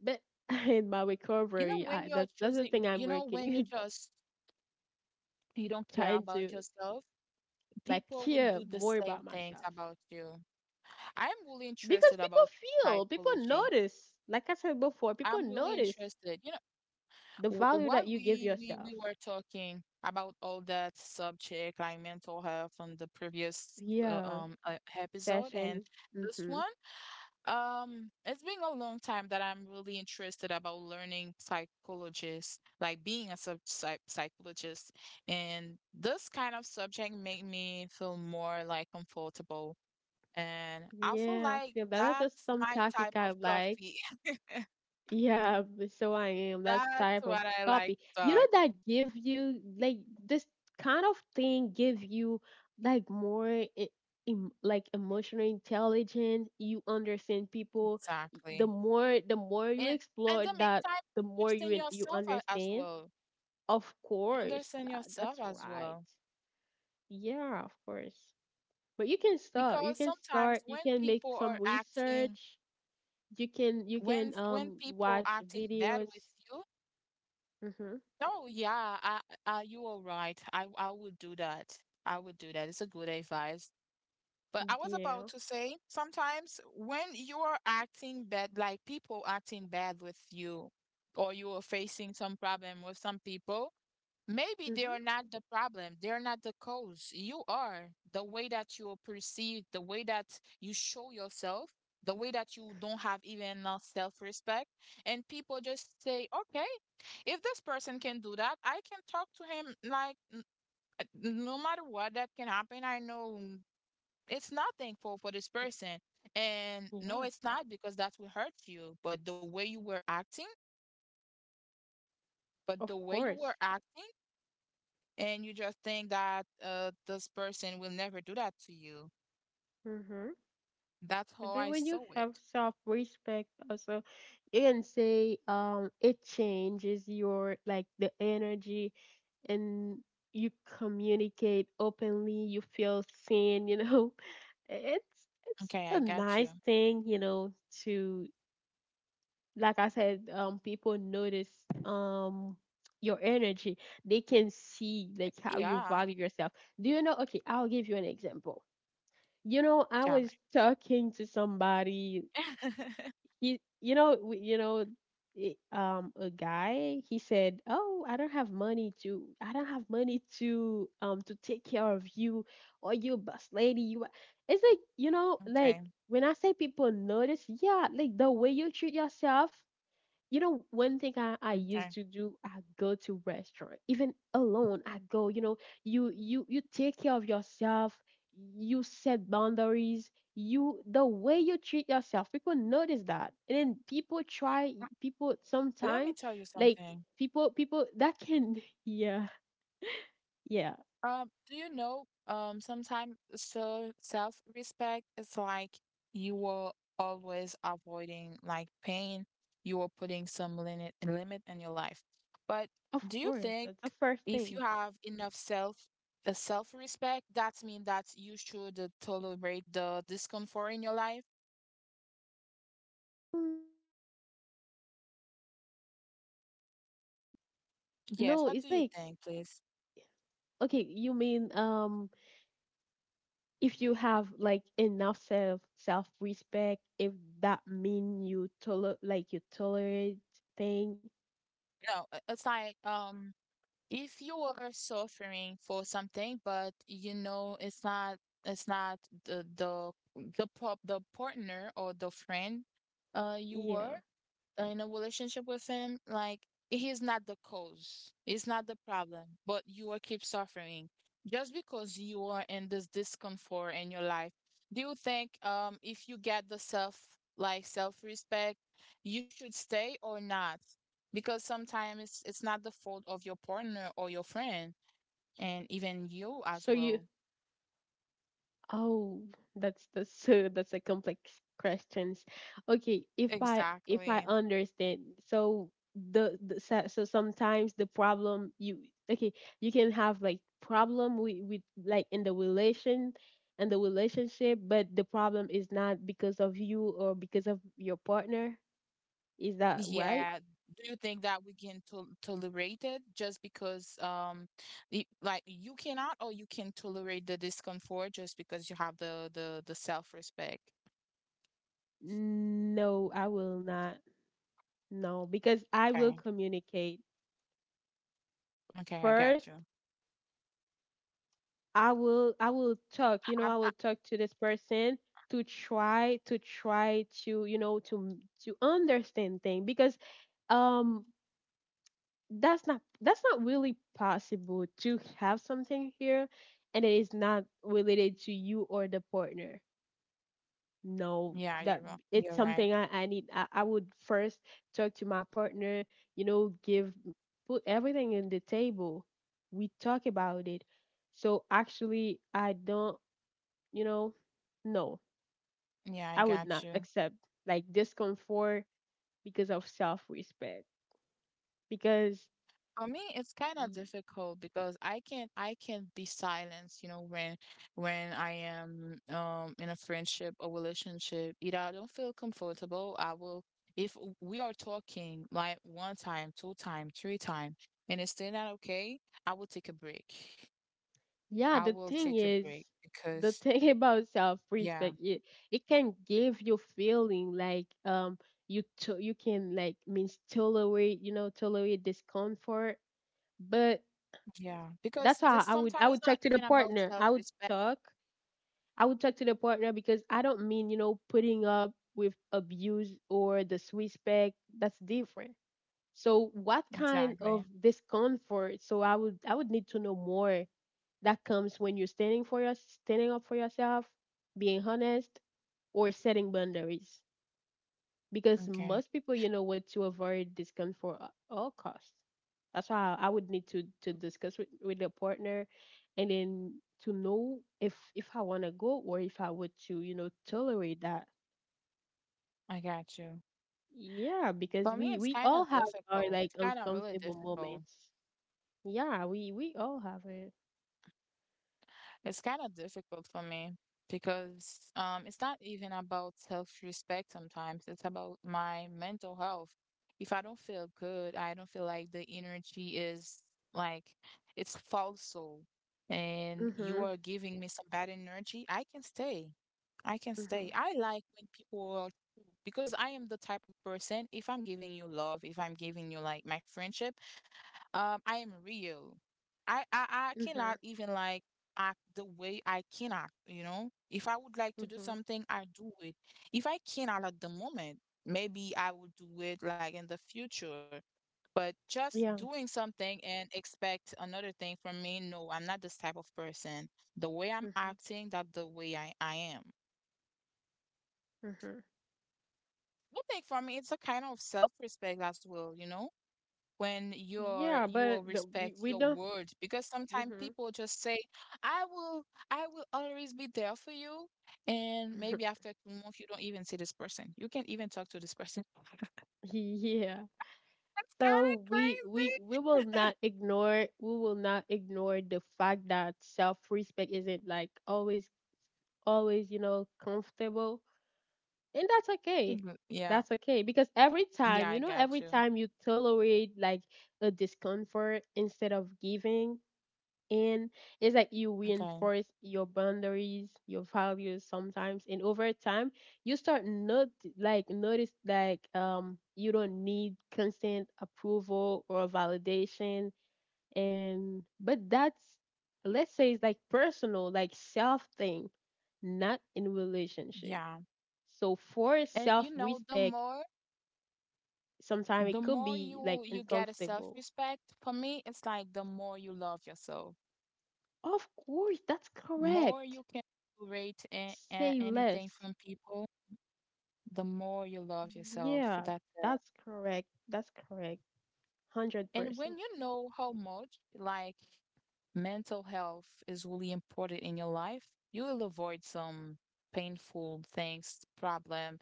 Speaker 1: but in my
Speaker 2: You know,
Speaker 1: recovery,
Speaker 2: when
Speaker 1: I,
Speaker 2: you're
Speaker 1: that's that's the thing
Speaker 2: choosing,
Speaker 1: I'm
Speaker 2: you know, when you
Speaker 1: working,
Speaker 2: just you don't care
Speaker 1: trying
Speaker 2: about
Speaker 1: to
Speaker 2: yourself,
Speaker 1: like
Speaker 2: people will
Speaker 1: care
Speaker 2: do the
Speaker 1: more
Speaker 2: same
Speaker 1: about
Speaker 2: things
Speaker 1: myself
Speaker 2: about you. I'm really
Speaker 1: because
Speaker 2: interested
Speaker 1: people
Speaker 2: about
Speaker 1: feel, people
Speaker 2: psychology.
Speaker 1: notice. Like I said before, people
Speaker 2: I'm really
Speaker 1: notice
Speaker 2: interested. You know,
Speaker 1: the
Speaker 2: w
Speaker 1: value
Speaker 2: what
Speaker 1: that you give
Speaker 2: we we we
Speaker 1: yourself.
Speaker 2: were talking about, all that subject like mental health from the previous, uh,
Speaker 1: Yeah,
Speaker 2: um uh, episode, and
Speaker 1: session.
Speaker 2: this
Speaker 1: Mm-hmm.
Speaker 2: one. Um, it's been a long time that I'm really interested about learning psychologist, like being a sub psych psychologist. And this kind of subject make me feel more like comfortable. And I feel
Speaker 1: Yeah, I
Speaker 2: like
Speaker 1: feel that. That's just
Speaker 2: that's
Speaker 1: some
Speaker 2: my
Speaker 1: topic
Speaker 2: type
Speaker 1: I
Speaker 2: of
Speaker 1: like.
Speaker 2: coffee.
Speaker 1: Yeah, b- so I am. That's
Speaker 2: That's
Speaker 1: type of
Speaker 2: what I like
Speaker 1: copy.
Speaker 2: to
Speaker 1: You
Speaker 2: talk.
Speaker 1: know that give you like this kind of thing give you like more e- em like emotional intelligence. You understand people. Y- The
Speaker 2: Exactly.
Speaker 1: more the more you
Speaker 2: And in
Speaker 1: explore
Speaker 2: the
Speaker 1: that,
Speaker 2: meantime,
Speaker 1: the more you
Speaker 2: understand
Speaker 1: in- you
Speaker 2: yourself a- as
Speaker 1: understand.
Speaker 2: well.
Speaker 1: Of course,
Speaker 2: Understand
Speaker 1: that
Speaker 2: yourself
Speaker 1: that's
Speaker 2: as
Speaker 1: right.
Speaker 2: well.
Speaker 1: Yeah, of course. But you can start. You
Speaker 2: Because
Speaker 1: can
Speaker 2: sometimes
Speaker 1: start. You
Speaker 2: when
Speaker 1: can make
Speaker 2: people
Speaker 1: some
Speaker 2: are acting,
Speaker 1: research. You can you
Speaker 2: When
Speaker 1: can
Speaker 2: when
Speaker 1: um
Speaker 2: people
Speaker 1: watch
Speaker 2: acting bad
Speaker 1: videos.
Speaker 2: with you,
Speaker 1: Mhm.
Speaker 2: oh yeah, I, I, you are right. I I would do that. I would do that. It's a good advice. But I was about
Speaker 1: Yeah.
Speaker 2: to say, sometimes when you are acting bad, like people acting bad with you, or you are facing some problem with some people, maybe they
Speaker 1: Hmm.
Speaker 2: are not the problem. They're not the cause. You are. The way that you are perceived, the way that you show yourself, the way that you don't have even, uh, self-respect. And people just say, okay, if this person can do that, I can talk to him like, n- uh, no matter what that can happen. I know it's nothing for for this person. And
Speaker 1: Yeah.
Speaker 2: no, it's not because that will hurt you. But the way you were acting, but the
Speaker 1: Of
Speaker 2: way you
Speaker 1: course.
Speaker 2: were acting and you just think that uh this person will never do that to you.
Speaker 1: Mm-hmm.
Speaker 2: That's
Speaker 1: But
Speaker 2: how
Speaker 1: then
Speaker 2: I
Speaker 1: when you
Speaker 2: saw
Speaker 1: have
Speaker 2: it.
Speaker 1: self-respect, also, you can say, um it changes your, like, the energy, and you communicate openly. You feel seen. You know, it's it's
Speaker 2: Okay,
Speaker 1: a
Speaker 2: I got you.
Speaker 1: nice thing. You know, to, like I said, um, people notice um your energy. They can see like how you
Speaker 2: Yeah,
Speaker 1: value yourself. Do you know? Okay, I'll give you an example. You know, I
Speaker 2: damn it.
Speaker 1: was talking to somebody. He, you know, w- you know, i- um, a guy. He said, "Oh, I don't have money to. I don't have money to um to take care of you, or you, boss lady. You are-" It's like, you know, like,
Speaker 2: Okay,
Speaker 1: when I say people notice, yeah, like the way you treat yourself. You know, one thing I, I used
Speaker 2: okay.
Speaker 1: to do, I go to restaurant, even alone. I go, you know, you you you take care of yourself. You set boundaries. You, the way you treat yourself, people notice that, and then people try. People
Speaker 2: Let me
Speaker 1: sometimes
Speaker 2: tell you
Speaker 1: like
Speaker 2: something.
Speaker 1: people people that can yeah, yeah,
Speaker 2: Um, do you know, um, sometimes, so self-respect is like, you were always avoiding like pain, you were putting some limit limit in your life. But
Speaker 1: of
Speaker 2: do you
Speaker 1: course,
Speaker 2: think
Speaker 1: that's the first
Speaker 2: if you
Speaker 1: thing.
Speaker 2: have enough self uh, self-respect, that means that you should uh, tolerate the discomfort in your life?
Speaker 1: No,
Speaker 2: Yes. What
Speaker 1: it's
Speaker 2: do you
Speaker 1: like,
Speaker 2: think, please?
Speaker 1: okay, you mean, um if you have like enough self self respect, if that mean you toler like you tolerate thing,
Speaker 2: No, uh, it's like, um. If you are suffering for something, but you know it's not it's not the the the prop the partner or the friend, uh you were,
Speaker 1: yeah.
Speaker 2: uh, in a relationship with him, like he's not the cause, he's not the problem, but you will keep suffering just because you are in this discomfort in your life. Do you think, um if you get the self like self respect, you should stay or not? Because sometimes it's it's not the fault of your partner or your friend, and even you as
Speaker 1: So you,
Speaker 2: well.
Speaker 1: oh, that's the so that's a complex questions. Okay, if I, if I
Speaker 2: Exactly.
Speaker 1: understand, so the, the so so sometimes the problem you, okay, you can have like problem with with, like, in the relation and the relationship, but the problem is not because of you or because of your partner. Is that right?
Speaker 2: Yeah. Do you think that we can tol tolerate it just because, um, y- like, you cannot, or you can tolerate the discomfort just because you have the the the self-respect?
Speaker 1: No, I will not. No, because I will
Speaker 2: Okay.
Speaker 1: communicate.
Speaker 2: Okay, I
Speaker 1: First,
Speaker 2: got you.
Speaker 1: I will I will talk, you know, I
Speaker 2: Um,
Speaker 1: will
Speaker 2: I,
Speaker 1: talk to this person, to try to try to, you know, to to understand things because, um that's not that's not really possible to have something here and it is not related to you or the partner. No,
Speaker 2: yeah,
Speaker 1: that,
Speaker 2: you're
Speaker 1: it's
Speaker 2: ri- you're
Speaker 1: something
Speaker 2: right.
Speaker 1: i, I need, I, I would first talk to my partner, you know, give, put everything in the table, we talk about it. So actually I don't, you know, no,
Speaker 2: Yeah, I
Speaker 1: I would
Speaker 2: got
Speaker 1: not
Speaker 2: you.
Speaker 1: accept like discomfort because of self-respect because,
Speaker 2: For me, it's kind of difficult, because I can I can be silenced, you know, when when I am um in a friendship or relationship. Either I don't feel comfortable, I will, if we are talking like one time, two time, three time, and it's still not okay, I will take a break.
Speaker 1: yeah,
Speaker 2: I
Speaker 1: the
Speaker 2: will
Speaker 1: thing
Speaker 2: take a
Speaker 1: is,
Speaker 2: break
Speaker 1: the
Speaker 2: because,
Speaker 1: thing about
Speaker 2: yeah,
Speaker 1: self-respect, it it can give you feeling like, um you to, you can like means tolerate, you know, tolerate discomfort. But
Speaker 2: yeah, because
Speaker 1: that's why
Speaker 2: this
Speaker 1: I would I
Speaker 2: sometimes is
Speaker 1: would
Speaker 2: not
Speaker 1: talk to the
Speaker 2: even about
Speaker 1: partner. I would
Speaker 2: self-respect.
Speaker 1: talk. I would talk to the partner because I don't mean, you know, putting up with abuse or disrespect. That's different. So what kind of
Speaker 2: Exactly.
Speaker 1: discomfort? So I would I would need to know more that comes when you're standing for your standing up for yourself, being honest, or setting boundaries. Because
Speaker 2: Okay,
Speaker 1: most people, you know, want to avoid discomfort at all costs. That's why I would need to to discuss with with a partner, and then to know if if I want to go or if I would to, you know, tolerate that.
Speaker 2: I got you.
Speaker 1: Yeah,
Speaker 2: For
Speaker 1: because
Speaker 2: me,
Speaker 1: we
Speaker 2: it's
Speaker 1: we
Speaker 2: kind
Speaker 1: all
Speaker 2: of
Speaker 1: have our
Speaker 2: difficult.
Speaker 1: like
Speaker 2: It's kind of really
Speaker 1: uncomfortable
Speaker 2: difficult.
Speaker 1: moments. Yeah, we we all have it.
Speaker 2: It's kind of difficult for me, because um, it's not even about self-respect sometimes. It's about my mental health. If I don't feel good, I don't feel like the energy is like it's falso, and you
Speaker 1: Mhm.
Speaker 2: are giving me some bad energy, I can stay. I can stay.
Speaker 1: Mhm.
Speaker 2: I like when people are, because I am the type of person, if I'm giving you love, if I'm giving you like my friendship, Um, I am real. I, I I
Speaker 1: Mhm.
Speaker 2: cannot even like act the way I can act, you know? If I would like to do
Speaker 1: Mhm.
Speaker 2: something, I do it. If I cannot at the moment, maybe I will do it like in the future. But just
Speaker 1: Yeah.
Speaker 2: doing something and expect another thing from me, no, I'm not this type of person. The way I'm
Speaker 1: Mhm.
Speaker 2: acting, that's the way I, I am.
Speaker 1: Mhm.
Speaker 2: I think for me, it's a kind of self-respect as well, you know? when you're
Speaker 1: Yeah,
Speaker 2: you
Speaker 1: but
Speaker 2: will
Speaker 1: the- we,
Speaker 2: respect
Speaker 1: we
Speaker 2: your
Speaker 1: don't.
Speaker 2: word, because sometimes
Speaker 1: Mhm.
Speaker 2: people just say, i will i will always be there for you, and maybe after two months you don't even see this person, you can't even talk to this person.
Speaker 1: Yeah.
Speaker 2: That's kind
Speaker 1: So
Speaker 2: of
Speaker 1: we we
Speaker 2: crazy.
Speaker 1: we will not ignore, we will not ignore the fact that self-respect isn't like always, always, you know, comfortable. And that's okay.
Speaker 2: Mhm.
Speaker 1: That's
Speaker 2: Yeah,
Speaker 1: okay because every time,
Speaker 2: yeah,
Speaker 1: you
Speaker 2: I
Speaker 1: know, every
Speaker 2: got you.
Speaker 1: time you tolerate like a discomfort instead of giving, and it's like you
Speaker 2: Okay.
Speaker 1: reinforce your boundaries, your values sometimes. And over time, you start not like notice like, um you don't need constant approval or validation. And but that's, let's say it's like personal, like self thing, not in relationship.
Speaker 2: Yeah,
Speaker 1: So for
Speaker 2: and
Speaker 1: self
Speaker 2: you know, the
Speaker 1: respect,
Speaker 2: more
Speaker 1: sometimes
Speaker 2: the
Speaker 1: it could
Speaker 2: more
Speaker 1: be like
Speaker 2: you you get a
Speaker 1: uncomfortable.
Speaker 2: self-respect, for me it's like the more you love yourself,
Speaker 1: Of course, that's
Speaker 2: more
Speaker 1: correct.
Speaker 2: you can tolerate a- a-
Speaker 1: Say
Speaker 2: anything
Speaker 1: less.
Speaker 2: from people, the more you love yourself.
Speaker 1: Yeah,
Speaker 2: That's it.
Speaker 1: that's correct. That's correct.
Speaker 2: And
Speaker 1: one hundred percent.
Speaker 2: when you know how much like mental health is really important in your life, you will avoid some painful things, problem,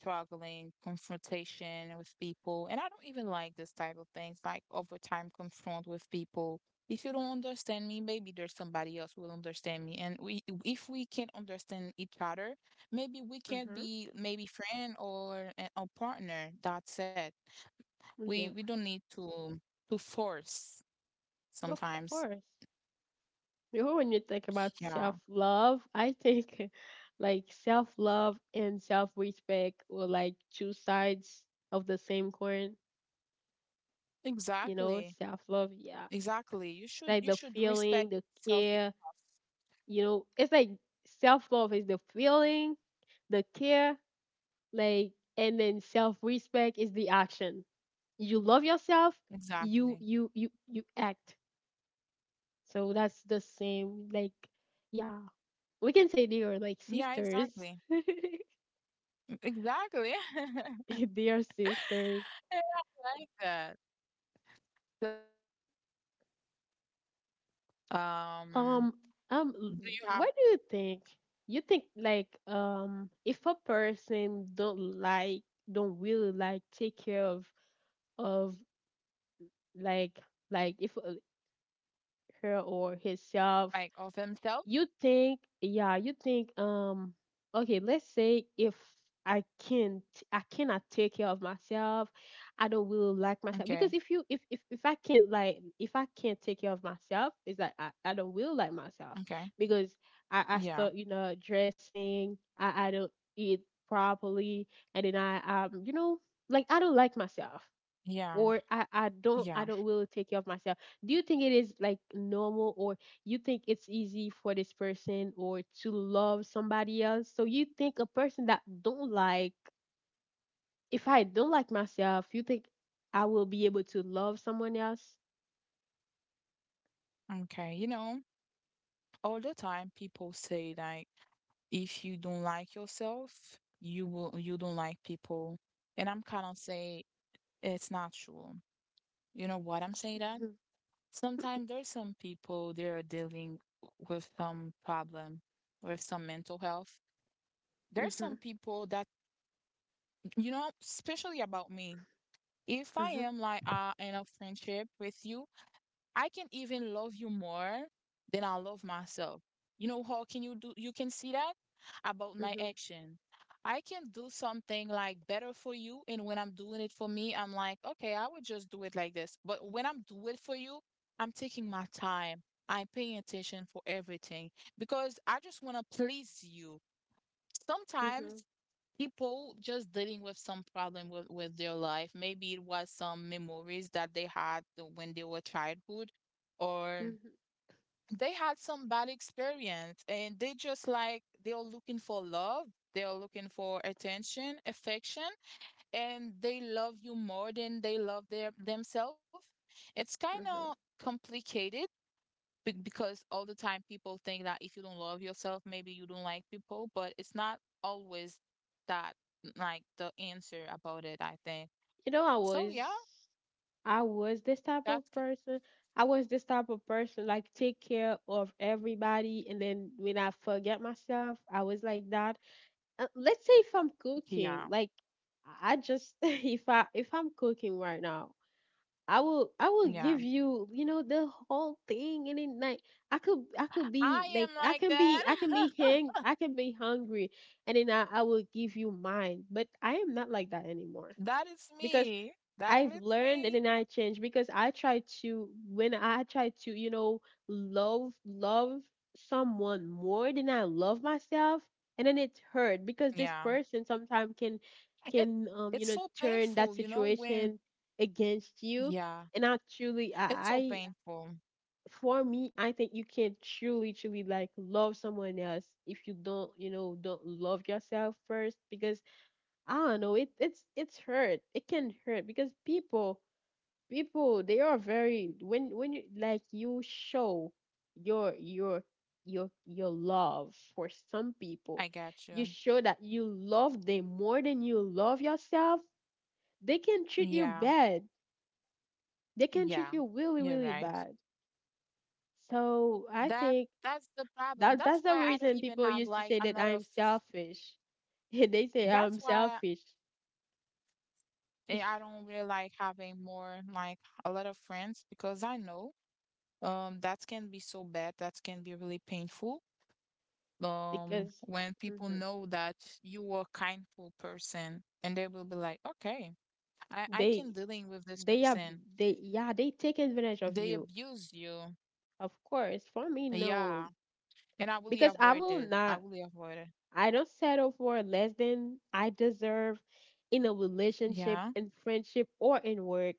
Speaker 2: struggling, confrontation with people. And I don't even like this type of things, like over time confront with people. If you don't understand me, maybe there's somebody else who will understand me. And we if we can't understand each other, maybe we can't
Speaker 1: Mm-hmm.
Speaker 2: be maybe friend or a a partner. That's it. we we
Speaker 1: Yeah,
Speaker 2: don't need to to force
Speaker 1: of
Speaker 2: sometimes.
Speaker 1: course. You know, when you think about
Speaker 2: Yeah,
Speaker 1: self-love, I think like self-love and self-respect were like two sides of the same coin. You
Speaker 2: exactly.
Speaker 1: know, self love, yeah. It's
Speaker 2: Exactly, you should you
Speaker 1: like
Speaker 2: should
Speaker 1: the
Speaker 2: respect
Speaker 1: feeling, the
Speaker 2: yourself
Speaker 1: care,
Speaker 2: enough.
Speaker 1: you know, it's like self love is the feeling, the care, like and then self respect is the action. You love yourself, you
Speaker 2: Exactly.
Speaker 1: you you you act. So that's the same, like yeah. We can say they are like
Speaker 2: Yeah,
Speaker 1: sisters.
Speaker 2: exactly. E- exactly
Speaker 1: They are sisters.
Speaker 2: I like that. um
Speaker 1: Um, um, l-
Speaker 2: do you have
Speaker 1: what do you think? You think like um, if a person don't like, don't really like take care of of like like if uh, her or himself.
Speaker 2: like of himself.
Speaker 1: You think, yeah, you think, um, okay, let's say if I can't, I cannot take care of myself, I don't really like myself. Because
Speaker 2: Okay.
Speaker 1: if you, if, if, if I can't like, if I can't take care of myself, it's like I, I don't really like myself
Speaker 2: Okay.
Speaker 1: because I, I
Speaker 2: Yeah,
Speaker 1: start, you know, dressing, I, I don't eat properly, and then I, um, you know, like I don't like myself
Speaker 2: yeah,
Speaker 1: or I, I don't I
Speaker 2: yeah.
Speaker 1: don't will take care of myself. Do you think it is like normal, or you think it's easy for this person or to love somebody else? So you think a person that don't like, if I don't like myself, you think I will be able to love someone else?
Speaker 2: Okay, you know, all the time people say like, if you don't like yourself, you will you don't like people. And I'm kind of say it's not true. You know what I'm saying that?
Speaker 1: Mhm,
Speaker 2: Sometimes there's some people, they are dealing with some problem with some mental health. There's
Speaker 1: mhm,
Speaker 2: some people that, you know, especially about me. If I
Speaker 1: mhm,
Speaker 2: am like uh, in a friendship with you, I can even love you more than I love myself. You know how can you do, you can see that about my
Speaker 1: mhm,
Speaker 2: action. I can do something like better for you, and when I'm doing it for me, I'm like, okay, I would just do it like this. But when I'm doing it for you, I'm taking my time. I'm paying attention for everything because I just want to please you. Sometimes
Speaker 1: mhm,
Speaker 2: people just dealing with some problem with, with their life. Maybe it was some memories that they had the- when they were childhood, or
Speaker 1: mhm,
Speaker 2: they had some bad experience, and they just like they're looking for love. They're looking for attention, affection, and they love you more than they love their themselves. It's kind of
Speaker 1: mhm.
Speaker 2: complicated be- because all the time people think that if you don't love yourself, maybe you don't like people, but it's not always that like the answer about it, I think.
Speaker 1: You know, I
Speaker 2: So
Speaker 1: was
Speaker 2: yeah,
Speaker 1: I was this type of
Speaker 2: that's
Speaker 1: person. I was this type of person, like take care of everybody, and then when I forget myself, I was like that. Uh, let's say if I'm cooking,
Speaker 2: yeah,
Speaker 1: like I I just if I if I'm cooking right now, I will I will
Speaker 2: yeah.
Speaker 1: give you, you know, the whole thing, and then like I could I could
Speaker 2: I
Speaker 1: be like
Speaker 2: am
Speaker 1: I
Speaker 2: like
Speaker 1: can be
Speaker 2: that.
Speaker 1: I can be hang I can be hungry, and then I I will give you mine. But I am not like that anymore
Speaker 2: That is
Speaker 1: because.
Speaker 2: me. That
Speaker 1: I've
Speaker 2: is
Speaker 1: learned
Speaker 2: me.
Speaker 1: and then I changed because I try to when I try to, you know, love love someone more than I love myself, and then it hurt because this
Speaker 2: Yeah.
Speaker 1: person sometimes can
Speaker 2: It
Speaker 1: can um
Speaker 2: it's
Speaker 1: you know,
Speaker 2: so
Speaker 1: turn that
Speaker 2: painful, you know, when
Speaker 1: situation against you.
Speaker 2: yeah,
Speaker 1: And I truly I,
Speaker 2: it's so
Speaker 1: I
Speaker 2: painful.
Speaker 1: For me, I think you can truly truly like love someone else if you don't you know don't love yourself first, because I don't know, it it's it's hurt. It can hurt because people people, they are very when when you, like, you show your your your your love for some
Speaker 2: I
Speaker 1: people.
Speaker 2: get
Speaker 1: You
Speaker 2: you.
Speaker 1: show that you love them more than you love yourself, they can treat you
Speaker 2: Yeah.
Speaker 1: bad, they can treat
Speaker 2: Yeah.
Speaker 1: you really,
Speaker 2: You're
Speaker 1: really
Speaker 2: right.
Speaker 1: bad. So I
Speaker 2: That
Speaker 1: think
Speaker 2: that's the problem.
Speaker 1: that
Speaker 2: That's
Speaker 1: that's the
Speaker 2: why I don't
Speaker 1: reason
Speaker 2: even
Speaker 1: people
Speaker 2: have
Speaker 1: used to
Speaker 2: like
Speaker 1: say
Speaker 2: a
Speaker 1: that
Speaker 2: lot
Speaker 1: I'm
Speaker 2: of
Speaker 1: selfish. They say
Speaker 2: that's
Speaker 1: I'm
Speaker 2: why
Speaker 1: selfish
Speaker 2: eh, I don't really like having more like a lot of friends because I know um that can be so bad. That can be really painful. Um
Speaker 1: because,
Speaker 2: when people
Speaker 1: mhm,
Speaker 2: know that you are a kindful person, and they will be like, "Okay, I I
Speaker 1: they
Speaker 2: can dealing with this
Speaker 1: they are
Speaker 2: person."
Speaker 1: they yeah, they take advantage of
Speaker 2: They
Speaker 1: you.
Speaker 2: abuse you.
Speaker 1: Of course, for me,
Speaker 2: Yeah.
Speaker 1: no,
Speaker 2: And I really
Speaker 1: because I
Speaker 2: avoid
Speaker 1: will
Speaker 2: it. I
Speaker 1: not.
Speaker 2: really avoid it.
Speaker 1: I don't settle for less than I deserve in a relationship,
Speaker 2: Yeah.
Speaker 1: in friendship, or in work.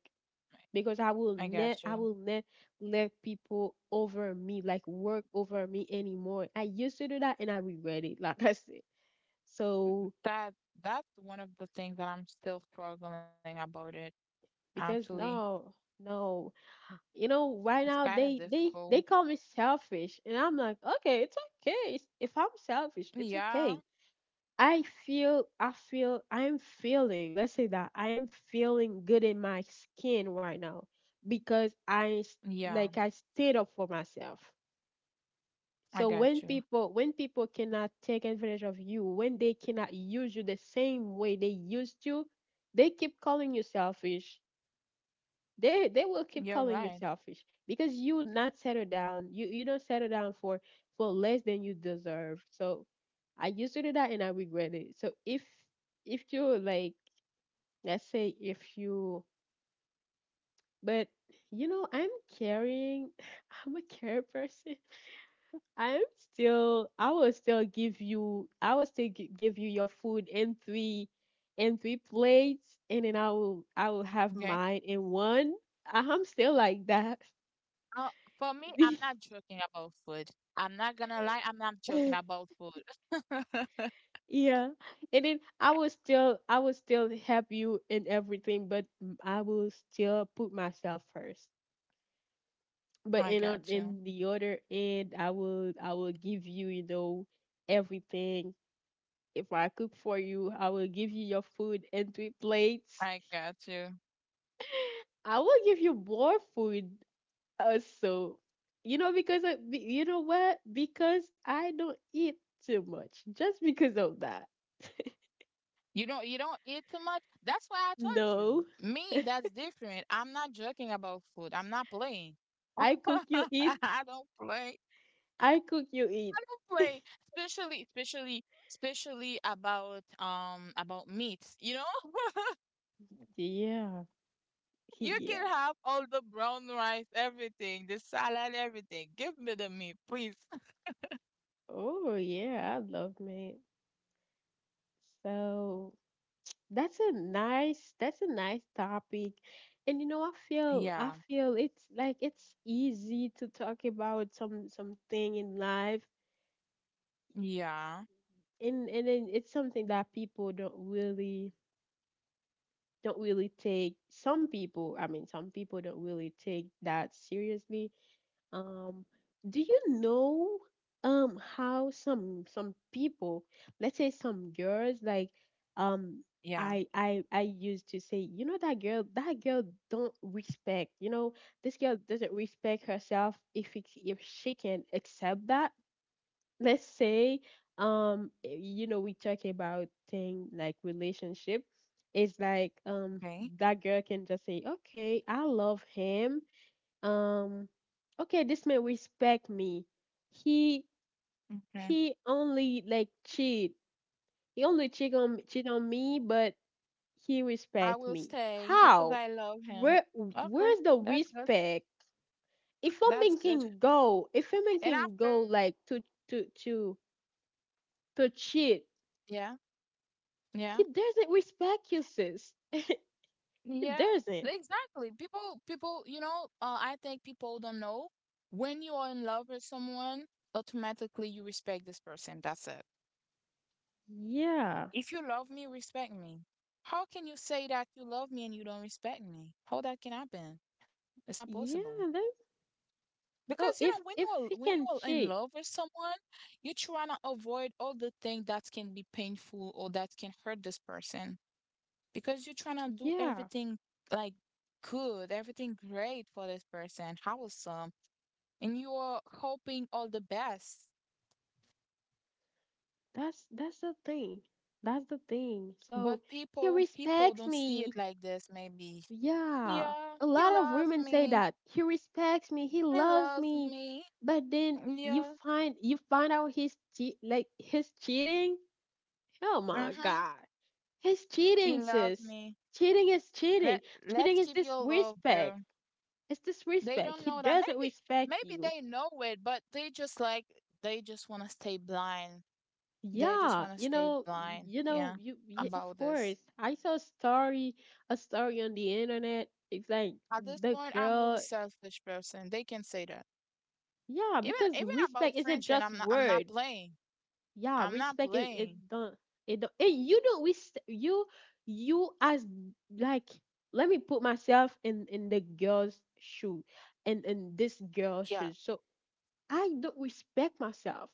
Speaker 1: Because I will
Speaker 2: I
Speaker 1: not,
Speaker 2: got
Speaker 1: I
Speaker 2: you.
Speaker 1: will not let people over me, like work over me anymore. I used to do that, and I regret it. Like I said, so
Speaker 2: That that's one of the things that I'm still struggling about it,
Speaker 1: because
Speaker 2: actually.
Speaker 1: no, no, you know,
Speaker 2: It's
Speaker 1: right
Speaker 2: kind
Speaker 1: now
Speaker 2: of
Speaker 1: they they
Speaker 2: difficult.
Speaker 1: they call me selfish, and I'm like, okay, it's okay. It's- If I'm selfish, it's
Speaker 2: Yeah,
Speaker 1: okay. I feel I feel I'm feeling, let's say that I am feeling good in my skin right now because I s-
Speaker 2: yeah,
Speaker 1: like I stayed up for myself.
Speaker 2: I
Speaker 1: So
Speaker 2: got
Speaker 1: when
Speaker 2: you.
Speaker 1: people when people cannot take advantage of you, when they cannot use you the same way they used to, they keep calling you selfish. They they will keep
Speaker 2: You're
Speaker 1: calling you
Speaker 2: right.
Speaker 1: selfish because you not settle down, you you don't settle down for for less than you deserve. So I used to do that and I regret it. So if if you, like, let's say if you, but you know, I'm caring. I'm a care person. i'm still I will still give you, I will still gi- give you your food in three in three plates, and then i will i will have
Speaker 2: Okay.
Speaker 1: mine in one. I'm still like that.
Speaker 2: Uh, for me, I'm not joking about food. I'm not gonna lie, I'm not joking about food.
Speaker 1: Yeah. And then I will still I will still help you in everything, but m- I will still put myself first. But
Speaker 2: I
Speaker 1: in o-
Speaker 2: got you.
Speaker 1: in the other end, I will I will give you, you know, everything. If I cook for you, I will give you your food and three plates.
Speaker 2: I got you.
Speaker 1: I will give you more food also. You know because I, be- you know what? Because I don't eat too much. Just because of that.
Speaker 2: You don't you don't eat too much. That's why I told you.
Speaker 1: No.
Speaker 2: Me, that's different. I'm not joking about food. I'm not playing.
Speaker 1: I cook, you eat.
Speaker 2: I don't play.
Speaker 1: I cook, you eat.
Speaker 2: Way, especially, especially, especially about um about meats, you know?
Speaker 1: Yeah.
Speaker 2: You
Speaker 1: Yeah.
Speaker 2: can have all the brown rice, everything, the salad, everything. Give me the meat, please.
Speaker 1: Oh, yeah. I love meat. So that's a nice, that's a nice topic. And you know, I feel, I
Speaker 2: Yeah,
Speaker 1: feel it's like it's easy to talk about some something in life,
Speaker 2: yeah,
Speaker 1: and and then it's something that people don't really don't really take. Some people, I mean, some people don't really take that seriously. Um, do you know um how some some people, let's say some girls, like um
Speaker 2: yeah.
Speaker 1: I I I used to say, you know, that girl, that girl don't respect, you know, this girl doesn't respect herself if it, if she can accept that. Let's say um eh, you know we talk about thing like relationship. It's like, um
Speaker 2: Okay,
Speaker 1: that girl can just say, okay, I love him, um okay, this man respect me. he
Speaker 2: okay.
Speaker 1: he only like cheat, he only cheat on cheat on me, but he
Speaker 2: I
Speaker 1: respect
Speaker 2: will
Speaker 1: me.
Speaker 2: stay because
Speaker 1: How,
Speaker 2: I love him.
Speaker 1: where
Speaker 2: Okay,
Speaker 1: where's the
Speaker 2: that's good.
Speaker 1: respect if a
Speaker 2: That's
Speaker 1: man
Speaker 2: good.
Speaker 1: can go if a man
Speaker 2: And
Speaker 1: can
Speaker 2: after,
Speaker 1: go like to to to to cheat?
Speaker 2: yeah,
Speaker 1: He
Speaker 2: yeah.
Speaker 1: doesn't respect you, sis. He
Speaker 2: Yeah,
Speaker 1: doesn't.
Speaker 2: exactly. People, people, you know, uh, I think people don't know when you are in love with someone, automatically you respect this person. That's it.
Speaker 1: Yeah,
Speaker 2: If you love me, respect me. How can you say that you love me and you don't respect me? How that can happen? It's not possible.
Speaker 1: yeah, that,
Speaker 2: Because
Speaker 1: so
Speaker 2: you know,
Speaker 1: if
Speaker 2: when you
Speaker 1: if
Speaker 2: are
Speaker 1: he
Speaker 2: when you
Speaker 1: can
Speaker 2: are in
Speaker 1: cheat,
Speaker 2: love with someone, you try to avoid all the things that can be painful or that can hurt this person, because you're trying to do
Speaker 1: yeah.
Speaker 2: everything like good, everything great for this person, wholesome, and you are hoping all the best.
Speaker 1: That's that's the thing. That's the thing.
Speaker 2: But
Speaker 1: So he
Speaker 2: people, people
Speaker 1: respects
Speaker 2: don't see
Speaker 1: me.
Speaker 2: it like this. Maybe,
Speaker 1: Yeah.
Speaker 2: yeah,
Speaker 1: A
Speaker 2: he
Speaker 1: lot of
Speaker 2: loves
Speaker 1: women say
Speaker 2: me.
Speaker 1: that. He respects me. He
Speaker 2: He
Speaker 1: loves
Speaker 2: loves
Speaker 1: me.
Speaker 2: me.
Speaker 1: But then you
Speaker 2: Yeah,
Speaker 1: find you find out he's che- like he's cheating. Oh my
Speaker 2: mm-hmm.
Speaker 1: god. He's
Speaker 2: He
Speaker 1: cheating,
Speaker 2: loves
Speaker 1: sis.
Speaker 2: me.
Speaker 1: Cheating is cheating.
Speaker 2: Let
Speaker 1: Cheating
Speaker 2: Let's
Speaker 1: is
Speaker 2: keep your love,
Speaker 1: disrespect.
Speaker 2: girl.
Speaker 1: It's
Speaker 2: They
Speaker 1: disrespect.
Speaker 2: don't
Speaker 1: He
Speaker 2: know that.
Speaker 1: doesn't
Speaker 2: Maybe,
Speaker 1: respect
Speaker 2: maybe
Speaker 1: you.
Speaker 2: they know it, but they just like they just want to stay blind. They just
Speaker 1: Yeah,
Speaker 2: want to
Speaker 1: you
Speaker 2: stay
Speaker 1: know, y-
Speaker 2: blind.
Speaker 1: you know,
Speaker 2: Yeah,
Speaker 1: you, y of
Speaker 2: about this.
Speaker 1: course. I saw a story, a story on the internet. It's like
Speaker 2: At this
Speaker 1: the
Speaker 2: point, I'm really
Speaker 1: girl,
Speaker 2: selfish person. They can say that.
Speaker 1: yeah,
Speaker 2: Even
Speaker 1: because
Speaker 2: even about
Speaker 1: respect isn't
Speaker 2: friendship,
Speaker 1: just
Speaker 2: I'm not I'm not
Speaker 1: word.
Speaker 2: playing.
Speaker 1: Yeah,
Speaker 2: I'm not
Speaker 1: respect is it
Speaker 2: playing.
Speaker 1: don't, it don't and you don't res you, you as like let me put myself in in the girl's shoe and in this girl's
Speaker 2: Yeah.
Speaker 1: shoes. So I don't respect myself.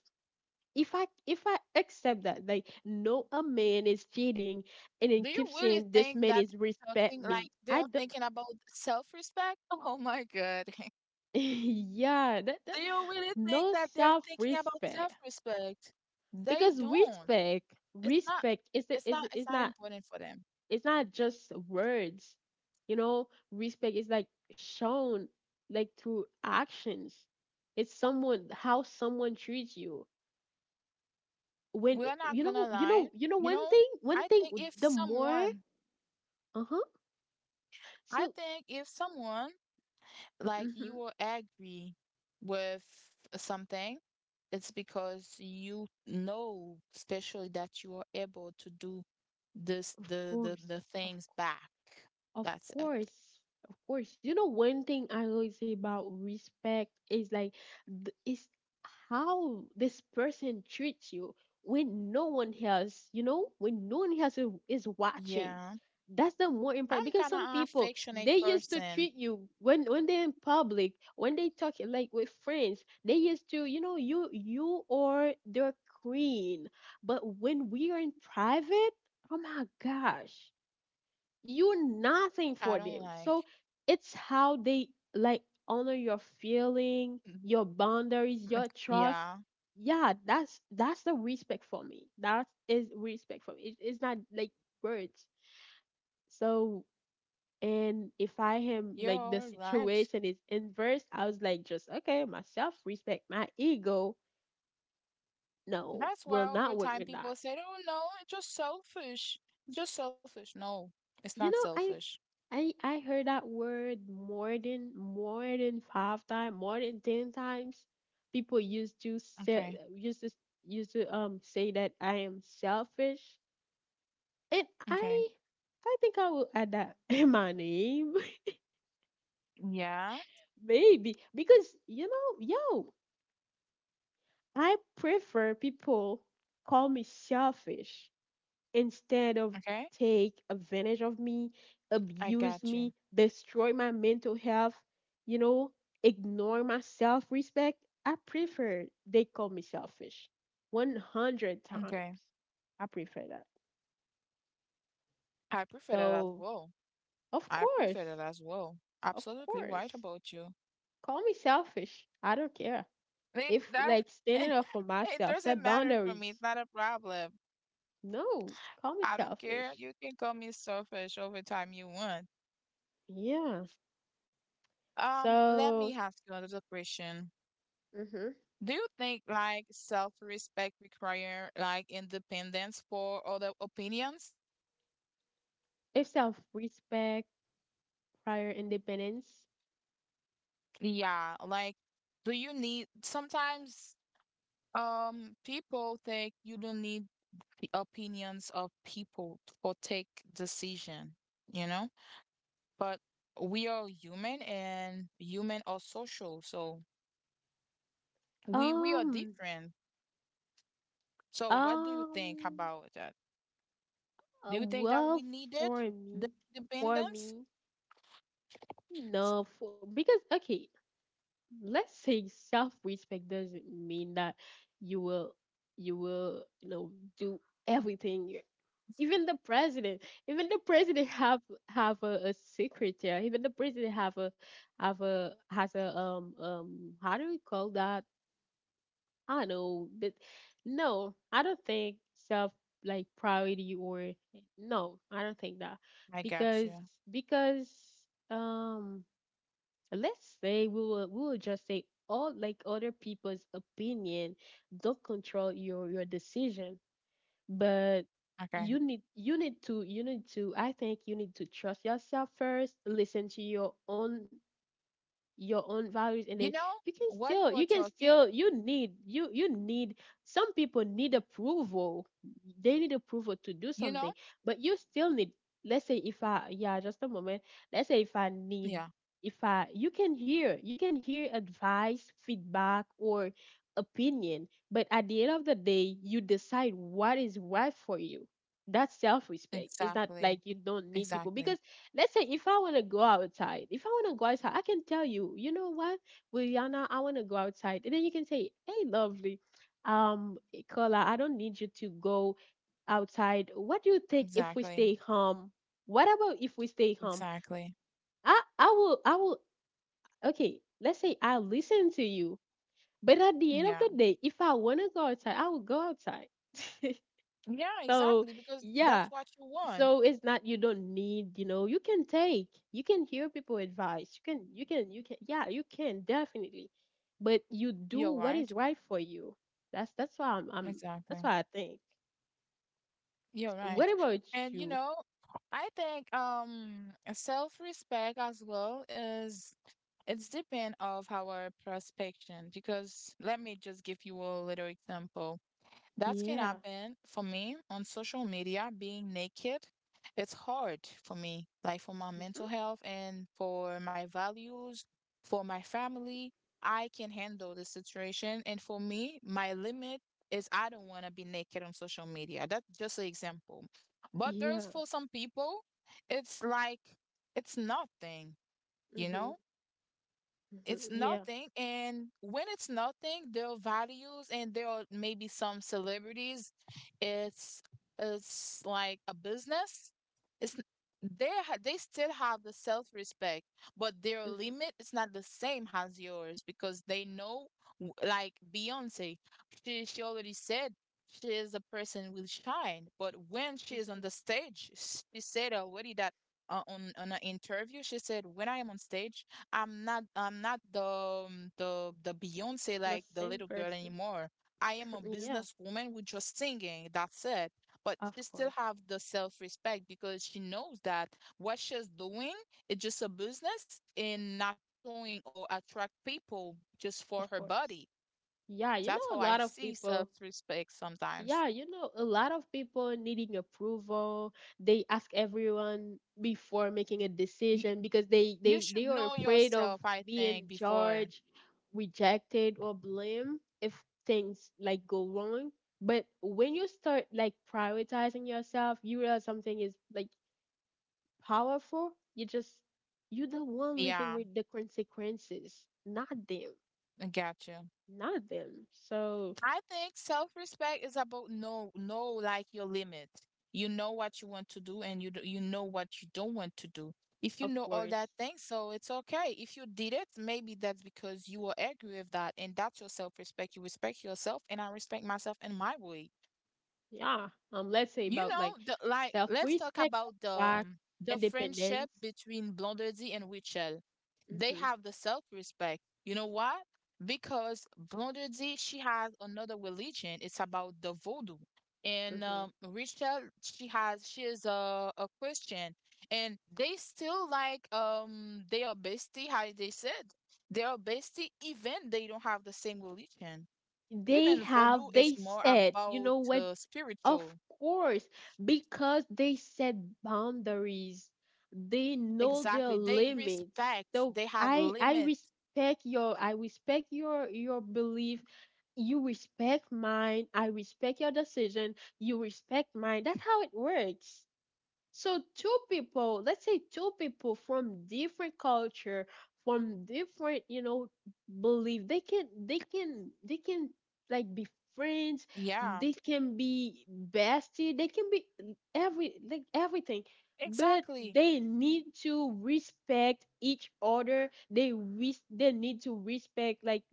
Speaker 1: if I If I accept that, like no, a man is cheating and
Speaker 2: Do
Speaker 1: then
Speaker 2: you
Speaker 1: keep
Speaker 2: really
Speaker 1: saying this
Speaker 2: think
Speaker 1: man
Speaker 2: that
Speaker 1: is
Speaker 2: they're talking
Speaker 1: respect
Speaker 2: like
Speaker 1: me. I
Speaker 2: they're
Speaker 1: don't.
Speaker 2: thinking about self-respect? Oh my God.
Speaker 1: Yeah, that, that,
Speaker 2: Do you really think
Speaker 1: no
Speaker 2: that they're
Speaker 1: self
Speaker 2: thinking about
Speaker 1: respect.
Speaker 2: self-respect? They
Speaker 1: Because
Speaker 2: don't.
Speaker 1: respect
Speaker 2: It's not
Speaker 1: respect is the-
Speaker 2: it's
Speaker 1: is
Speaker 2: not it's
Speaker 1: is
Speaker 2: not
Speaker 1: not,
Speaker 2: important for them.
Speaker 1: it's not just words. You know, respect is like shown like through actions. It's someone, how someone treats you. When
Speaker 2: We're not
Speaker 1: you
Speaker 2: gonna
Speaker 1: know, you
Speaker 2: lie.
Speaker 1: know you know
Speaker 2: You
Speaker 1: one
Speaker 2: know,
Speaker 1: thing, one
Speaker 2: I
Speaker 1: thing
Speaker 2: think if
Speaker 1: the more.
Speaker 2: someone
Speaker 1: Uh-huh.
Speaker 2: I
Speaker 1: So
Speaker 2: think if someone like you
Speaker 1: mhm.
Speaker 2: will agree with something, it's because you know, especially that you are able to do this
Speaker 1: Of
Speaker 2: the the the
Speaker 1: course, of
Speaker 2: things back.
Speaker 1: of
Speaker 2: That's it.
Speaker 1: course. Of course. You know, one thing I always say about respect is like, th- is how this person treats you when no one else, you know, when no one else is is watching.
Speaker 2: Yeah.
Speaker 1: That's the more important
Speaker 2: I'm
Speaker 1: because
Speaker 2: kind of
Speaker 1: some
Speaker 2: an
Speaker 1: people they
Speaker 2: affectionate
Speaker 1: used to
Speaker 2: person.
Speaker 1: treat you when when they're in public, when they talk like with friends, they used to, you know, you you or their queen. But when we are in private, oh my gosh, you're nothing for
Speaker 2: I don't
Speaker 1: them.
Speaker 2: like.
Speaker 1: So it's how they like honor your feeling,
Speaker 2: Mm,
Speaker 1: your boundaries,
Speaker 2: like,
Speaker 1: your trust.
Speaker 2: yeah,
Speaker 1: Yeah, that's that's the respect for me. That is respect for me. It, it's not like words. So and if I am like the
Speaker 2: you're right.
Speaker 1: situation is inverse, I was like just okay, myself respect my ego. No,
Speaker 2: That's why
Speaker 1: will
Speaker 2: over
Speaker 1: not work
Speaker 2: time
Speaker 1: with
Speaker 2: people
Speaker 1: that.
Speaker 2: said, "Oh no, it's just selfish. It's just selfish." No, it's not
Speaker 1: You know, I
Speaker 2: selfish.
Speaker 1: I I heard that word more than more than five times, more than ten times. People used to say
Speaker 2: Okay.
Speaker 1: used to used to um say that I am selfish, and
Speaker 2: Okay.
Speaker 1: I I think I will add that in my name,
Speaker 2: Yeah.
Speaker 1: maybe because you know, yo, I prefer people call me selfish instead of
Speaker 2: Okay.
Speaker 1: take advantage of me,
Speaker 2: I
Speaker 1: abuse
Speaker 2: got you.
Speaker 1: me, destroy my mental health, you know, ignore my self respect, I prefer they call me selfish one hundred
Speaker 2: Okay.
Speaker 1: times. I prefer that.
Speaker 2: I prefer that as
Speaker 1: So,
Speaker 2: well.
Speaker 1: of
Speaker 2: I prefer
Speaker 1: course,
Speaker 2: that as well.
Speaker 1: of
Speaker 2: Absolutely right
Speaker 1: course,
Speaker 2: about you.
Speaker 1: call me selfish. I don't care.
Speaker 2: I mean,
Speaker 1: If,
Speaker 2: that
Speaker 1: like, standing up for
Speaker 2: it
Speaker 1: myself,
Speaker 2: doesn't
Speaker 1: set
Speaker 2: matter for
Speaker 1: boundaries.
Speaker 2: me. It's not a problem.
Speaker 1: No, call me
Speaker 2: I don't care.
Speaker 1: selfish.
Speaker 2: You can call me selfish over time you want.
Speaker 1: Yeah.
Speaker 2: Um, let me
Speaker 1: So,
Speaker 2: ask you another question.
Speaker 1: hmm,
Speaker 2: Do you think like self-respect require like independence for other opinions?
Speaker 1: it's self respect prior independence?
Speaker 2: Yeah, like do you need sometimes um people think you don't need the opinions of people or take decision, you know? But we are human and human are social, so we we are
Speaker 1: Um,
Speaker 2: different. So what do you think
Speaker 1: um,
Speaker 2: about that?
Speaker 1: uh,
Speaker 2: Do you think that
Speaker 1: well,
Speaker 2: we needed
Speaker 1: for
Speaker 2: the
Speaker 1: me, for
Speaker 2: independence?
Speaker 1: me, no, for because okay, let's say self-respect doesn't mean that you will, you will, you know, do everything. You- Even the president, even the president have have a, a secretary. Even the president have a have a has a um um how do we call that? I don't know, but no, I don't think self, like priority, or no, I don't think that
Speaker 2: I got
Speaker 1: because
Speaker 2: you.
Speaker 1: because um let's say we will we will just say all like other people's opinion don't control your your decision, but you
Speaker 2: Okay.
Speaker 1: need you need to you need to I think you need to trust yourself first, listen to your own your own values, and
Speaker 2: You
Speaker 1: then
Speaker 2: know,
Speaker 1: you can
Speaker 2: while
Speaker 1: still
Speaker 2: you were
Speaker 1: you can
Speaker 2: talking,
Speaker 1: still you need you you need some people need approval. They need approval to do
Speaker 2: you know?
Speaker 1: something. But you still need, let's say if I, yeah, just a moment. Let's say if I need,
Speaker 2: Yeah,
Speaker 1: if I you can hear, you can hear advice, feedback, or opinion, but at the end of the day you decide what is right for you. That's self-respect. It's not
Speaker 2: exactly.
Speaker 1: like you don't need people,
Speaker 2: Exactly.
Speaker 1: because let's say if I want to go outside, if I want to go outside, I can tell you, you know what, Brianna, I want to go outside. And then you can say, hey, lovely, um, Kola, I don't need you to go outside. What do you think if we
Speaker 2: Exactly.
Speaker 1: stay home? What about if we stay home?
Speaker 2: Exactly.
Speaker 1: I, I will, I will, okay, let's say I'll listen to you. But at the end of
Speaker 2: Yeah.
Speaker 1: the day, if I want to go outside, I will go outside.
Speaker 2: Yeah,
Speaker 1: So,
Speaker 2: exactly. Because that's
Speaker 1: yeah,
Speaker 2: what you want.
Speaker 1: so it's not you don't need you know You can take, you can hear people advice. You can you can you can yeah, you can definitely. But you do
Speaker 2: You're
Speaker 1: what is
Speaker 2: right.
Speaker 1: right for you. That's that's why i'm, I'm that's
Speaker 2: Exactly.
Speaker 1: why I think.
Speaker 2: You're right.
Speaker 1: What about
Speaker 2: And you
Speaker 1: you?
Speaker 2: know, I think um self-respect as well is it's depend of our perspective because let me just give you a little example. That can
Speaker 1: Yeah.
Speaker 2: happen for me on social media, being naked. It's hard for me, like for my mental
Speaker 1: Hmm.
Speaker 2: health and for my values, for my family. I can handle the situation. And for me, my limit is I don't want to be naked on social media. That's just an example. But there's
Speaker 1: Yeah.
Speaker 2: for some people, it's like, it's nothing, you
Speaker 1: Hmm.
Speaker 2: know?
Speaker 1: Hmm.
Speaker 2: It's
Speaker 1: Yeah.
Speaker 2: nothing. And when it's nothing, there are values and there are maybe some celebrities. It's it's like a business. It's n- they ha- they still have the self-respect, but their
Speaker 1: Hmm.
Speaker 2: limit is not the same as yours because they know w- like Beyonce, she she already said she is a person will shine, but when she is
Speaker 1: Hmm.
Speaker 2: on the stage, she said already that uh, on on an interview, she said, "When I am on stage, I'm not I'm not the um, the the Beyonce
Speaker 1: The
Speaker 2: like the
Speaker 1: same
Speaker 2: little girl
Speaker 1: person.
Speaker 2: anymore. I am a
Speaker 1: Yeah,
Speaker 2: businesswoman with just singing. That's it. But
Speaker 1: of
Speaker 2: she still
Speaker 1: course.
Speaker 2: have the self-respect because she knows that what she's doing is just a business and not showing or attract people just for her
Speaker 1: Of course.
Speaker 2: body.
Speaker 1: Yeah, you
Speaker 2: That's
Speaker 1: know,
Speaker 2: how
Speaker 1: a
Speaker 2: I
Speaker 1: lot of
Speaker 2: see
Speaker 1: people.
Speaker 2: self-respect sometimes.
Speaker 1: Yeah, you know, a lot of people needing approval. They ask everyone before making a
Speaker 2: You
Speaker 1: decision because they
Speaker 2: you
Speaker 1: they they
Speaker 2: should
Speaker 1: are
Speaker 2: know
Speaker 1: afraid of
Speaker 2: yourself, I
Speaker 1: being
Speaker 2: think, before.
Speaker 1: judged, rejected, or blamed if things like go wrong. But when you start like prioritizing yourself, you realize something is like powerful. You just— you're the one living
Speaker 2: Yeah,
Speaker 1: with the consequences, not them.
Speaker 2: I got you.
Speaker 1: Not them. So,
Speaker 2: I think self-respect is about know know like your limit. You know what you want to do and you do, you know what you don't want to do. If you
Speaker 1: of
Speaker 2: know all that
Speaker 1: course.
Speaker 2: thing, so it's okay. If you did it, maybe that's because you were angry with that, and that's your self-respect. You respect yourself and I respect myself in my way.
Speaker 1: Yeah. Um, let's say
Speaker 2: You
Speaker 1: about
Speaker 2: know,
Speaker 1: like
Speaker 2: the like let's talk
Speaker 1: self-respect,
Speaker 2: about the
Speaker 1: attract,
Speaker 2: um, the
Speaker 1: independence.
Speaker 2: friendship between Blondie and Rachel. They
Speaker 1: Mhm.
Speaker 2: have the self-respect. You know what? Because Blondie, she has another religion. It's about the voodoo. And
Speaker 1: Mhm.
Speaker 2: um, Rachel, she has she is a, a Christian, and they still like um they are bestie, how they said. They are bestie even they don't have the same religion.
Speaker 1: They
Speaker 2: Even
Speaker 1: have,
Speaker 2: voodoo
Speaker 1: they
Speaker 2: is more
Speaker 1: said, you
Speaker 2: about
Speaker 1: know what?
Speaker 2: uh, spiritual.
Speaker 1: Of course, because they set boundaries. They know their
Speaker 2: Exactly. They
Speaker 1: limits.
Speaker 2: respect,
Speaker 1: So
Speaker 2: they have
Speaker 1: I, I
Speaker 2: limits.
Speaker 1: respect your, I respect your, your belief. You respect mine. I respect your decision. You respect mine. That's how it works. So two people, let's say two people from different culture, from different, you know, belief, they can, they can they can like be friends,
Speaker 2: Yeah,
Speaker 1: they can be bestie, they can be every like everything. But
Speaker 2: exactly.
Speaker 1: they need to respect each other. They res- they need to respect, like,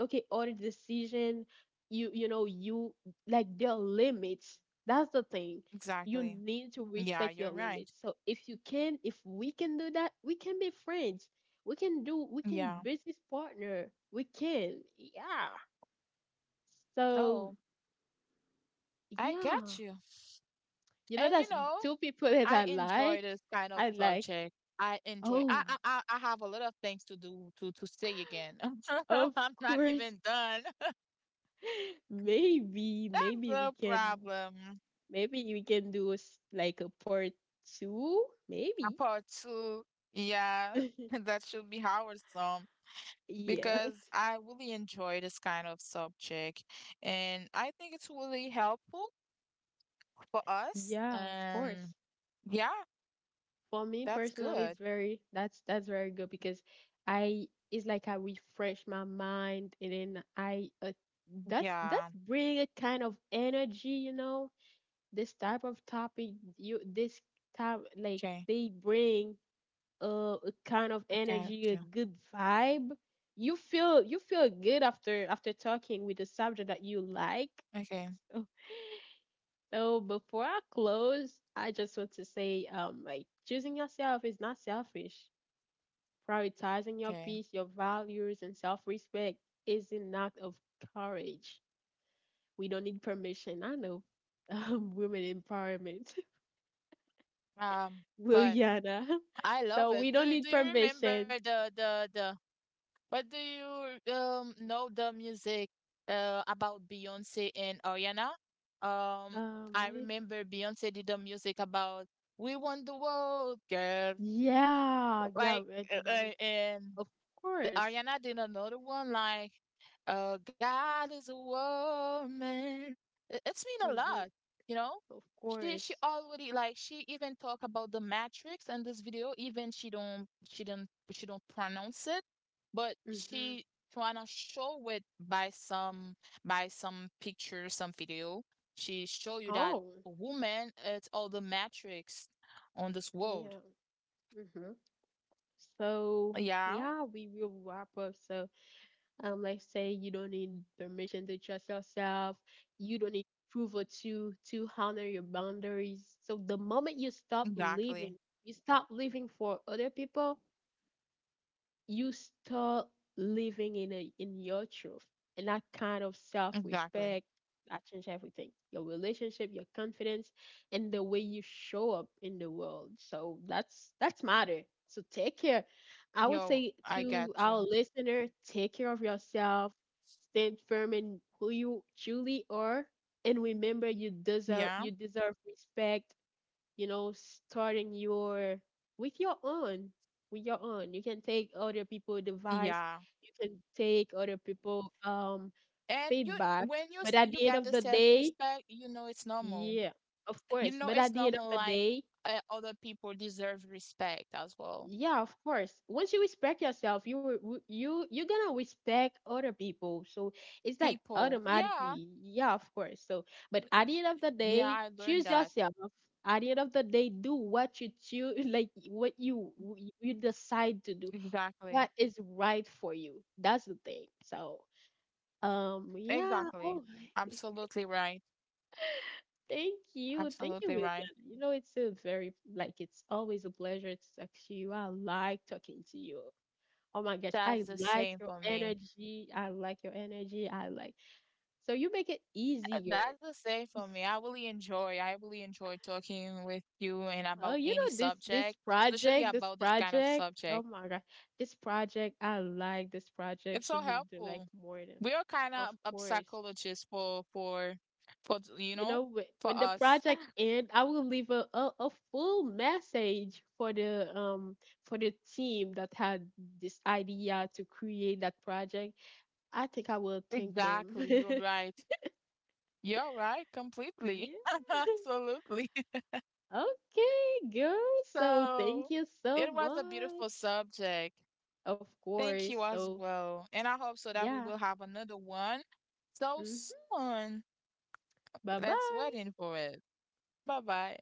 Speaker 1: okay, or decision, you you know, you, like their limits. That's the thing. You
Speaker 2: Exactly.
Speaker 1: need to
Speaker 2: Yeah,
Speaker 1: respect your
Speaker 2: you're right.
Speaker 1: limits, so if you can, if we can do that, we can be friends. We can do, we can
Speaker 2: Yeah.
Speaker 1: business partner. We can, yeah. So,
Speaker 2: So I got
Speaker 1: yeah,
Speaker 2: you.
Speaker 1: you know,
Speaker 2: And you
Speaker 1: that's
Speaker 2: know,
Speaker 1: two people that
Speaker 2: I
Speaker 1: i like
Speaker 2: enjoy this kind of
Speaker 1: i like
Speaker 2: subject. I enjoy I
Speaker 1: Oh,
Speaker 2: I I I have a lot of things to do to to say again.
Speaker 1: of
Speaker 2: I'm not
Speaker 1: course.
Speaker 2: even done.
Speaker 1: maybe
Speaker 2: That's
Speaker 1: maybe
Speaker 2: the
Speaker 1: we can—
Speaker 2: problem.
Speaker 1: maybe we can do s- like a part two,
Speaker 2: Uh,
Speaker 1: maybe.
Speaker 2: Part two. Yeah. That should be our song.
Speaker 1: Yeah.
Speaker 2: Because I really enjoy this kind of subject and I think it's really helpful for us.
Speaker 1: Yeah, of
Speaker 2: And
Speaker 1: course.
Speaker 2: yeah,
Speaker 1: For me
Speaker 2: that's
Speaker 1: personally, it's
Speaker 2: good.
Speaker 1: very— that's that's very good because I, it's like I refresh my mind, and then I, uh, that's that's
Speaker 2: Yeah.
Speaker 1: bring a kind of energy, you know. This type of topic, you this type, like
Speaker 2: Okay.
Speaker 1: they bring uh a kind of
Speaker 2: Okay.
Speaker 1: energy, a
Speaker 2: Okay.
Speaker 1: good vibe. You feel you feel good after after talking with the subject that you like.
Speaker 2: Okay.
Speaker 1: So before I close, I just want to say, um, like, choosing yourself is not selfish. Prioritizing your
Speaker 2: Okay.
Speaker 1: peace, your values, and self-respect is an act of courage. We don't need permission. I know, um, women empowerment.
Speaker 2: Um,
Speaker 1: Will.
Speaker 2: but I
Speaker 1: So
Speaker 2: love it.
Speaker 1: we
Speaker 2: Do
Speaker 1: don't need
Speaker 2: do you remember
Speaker 1: permission.
Speaker 2: the the the what do you um know the music uh about Beyonce and Ariana? Um,
Speaker 1: Um,
Speaker 2: I
Speaker 1: what do you—
Speaker 2: remember Beyonce did the music about we Want the world, girl.
Speaker 1: Yeah, yeah,
Speaker 2: Like,
Speaker 1: red
Speaker 2: uh,
Speaker 1: dynamic.
Speaker 2: uh, and
Speaker 1: Of
Speaker 2: the
Speaker 1: course.
Speaker 2: Ariana did another one like, uh, God is a woman. It- It's mean a
Speaker 1: Mm-hmm.
Speaker 2: lot, you know?
Speaker 1: Of
Speaker 2: She she
Speaker 1: course.
Speaker 2: already like she even talk about the matrix in this video, even she don't she don't she don't pronounce it, but
Speaker 1: Mm-hmm.
Speaker 2: she trying to show it by some by some picture, some video. She show you that
Speaker 1: Oh,
Speaker 2: woman it's all the matrix on this world.
Speaker 1: yeah. Mm-hmm. So,
Speaker 2: Yeah,
Speaker 1: yeah, we will wrap up. So, um, let's say you don't need permission to trust yourself. You don't need approval to to honor your boundaries. So the moment you stop
Speaker 2: exactly.
Speaker 1: living, you stop living for other people, you start living in a, in your truth, and that kind of
Speaker 2: Exactly.
Speaker 1: self-respect, that changes everything: your relationship, your confidence, and the way you show up in the world. So that's that's matter. So take care, I would
Speaker 2: Yo,
Speaker 1: say
Speaker 2: I
Speaker 1: to
Speaker 2: get you.
Speaker 1: our listener, take care of yourself, stand firm in who you truly are, and remember you deserve
Speaker 2: Yeah.
Speaker 1: you deserve respect, you know, starting your with your own, with your own. You can take other people' advice,
Speaker 2: Yeah.
Speaker 1: you can take other people um
Speaker 2: And you
Speaker 1: feedback,
Speaker 2: when you s-
Speaker 1: but at
Speaker 2: you
Speaker 1: the end
Speaker 2: get the
Speaker 1: of the day,
Speaker 2: self-respect, you know it's normal.
Speaker 1: yeah, of
Speaker 2: You
Speaker 1: course.
Speaker 2: know
Speaker 1: But at
Speaker 2: it's
Speaker 1: the end of
Speaker 2: normal
Speaker 1: the
Speaker 2: like
Speaker 1: day,
Speaker 2: uh, other people deserve respect as well.
Speaker 1: yeah, of course, once you respect yourself, you will— w- you you're gonna respect other people. So it's like
Speaker 2: People. Yeah.
Speaker 1: automatically. Yeah, of course. So, but
Speaker 2: y-
Speaker 1: at the end of the
Speaker 2: Yeah,
Speaker 1: day,
Speaker 2: I learned
Speaker 1: choose
Speaker 2: that.
Speaker 1: yourself. At the end of the day, do what you choose, like what you w- you decide to do,
Speaker 2: Exactly.
Speaker 1: what is right for you. That's the thing. So, um yeah.
Speaker 2: Exactly.
Speaker 1: Oh.
Speaker 2: Absolutely right.
Speaker 1: thank you thank you
Speaker 2: Absolutely right.
Speaker 1: William. You know, it's a very— like, it's always a pleasure to talk to you. I like talking to you. Oh my gosh, I
Speaker 2: That's the
Speaker 1: like
Speaker 2: same
Speaker 1: your
Speaker 2: for me.
Speaker 1: energy. I like your energy. I like. So you make it
Speaker 2: Uh,
Speaker 1: easier.
Speaker 2: That's the same for me. I really enjoy. I really enjoy talking with you and
Speaker 1: Oh,
Speaker 2: about
Speaker 1: you
Speaker 2: any
Speaker 1: know, this this
Speaker 2: subject, especially
Speaker 1: project, this
Speaker 2: about this kind of
Speaker 1: project. Oh
Speaker 2: subject.
Speaker 1: my god. This project, I like, this project
Speaker 2: It's so
Speaker 1: should be do like
Speaker 2: helpful.
Speaker 1: more than.
Speaker 2: We are kind
Speaker 1: Of
Speaker 2: of a
Speaker 1: course.
Speaker 2: psychologist for for for you
Speaker 1: You
Speaker 2: know
Speaker 1: know wh-
Speaker 2: for
Speaker 1: when the
Speaker 2: us.
Speaker 1: project end, I will leave a, a a full message for the— um for the team that had this idea to create that project. I think I will thank them.
Speaker 2: Exactly. You're right. You're right completely.
Speaker 1: Yeah.
Speaker 2: Absolutely.
Speaker 1: Okay, girl. So thank
Speaker 2: So
Speaker 1: you so
Speaker 2: it was a beautiful
Speaker 1: much.
Speaker 2: subject.
Speaker 1: Of
Speaker 2: Thank
Speaker 1: course.
Speaker 2: you as
Speaker 1: So,
Speaker 2: well. And I hope so that we
Speaker 1: yeah.
Speaker 2: will have another one so
Speaker 1: Hmm.
Speaker 2: soon.
Speaker 1: Bye
Speaker 2: That's
Speaker 1: bye.
Speaker 2: waiting for it. Bye bye.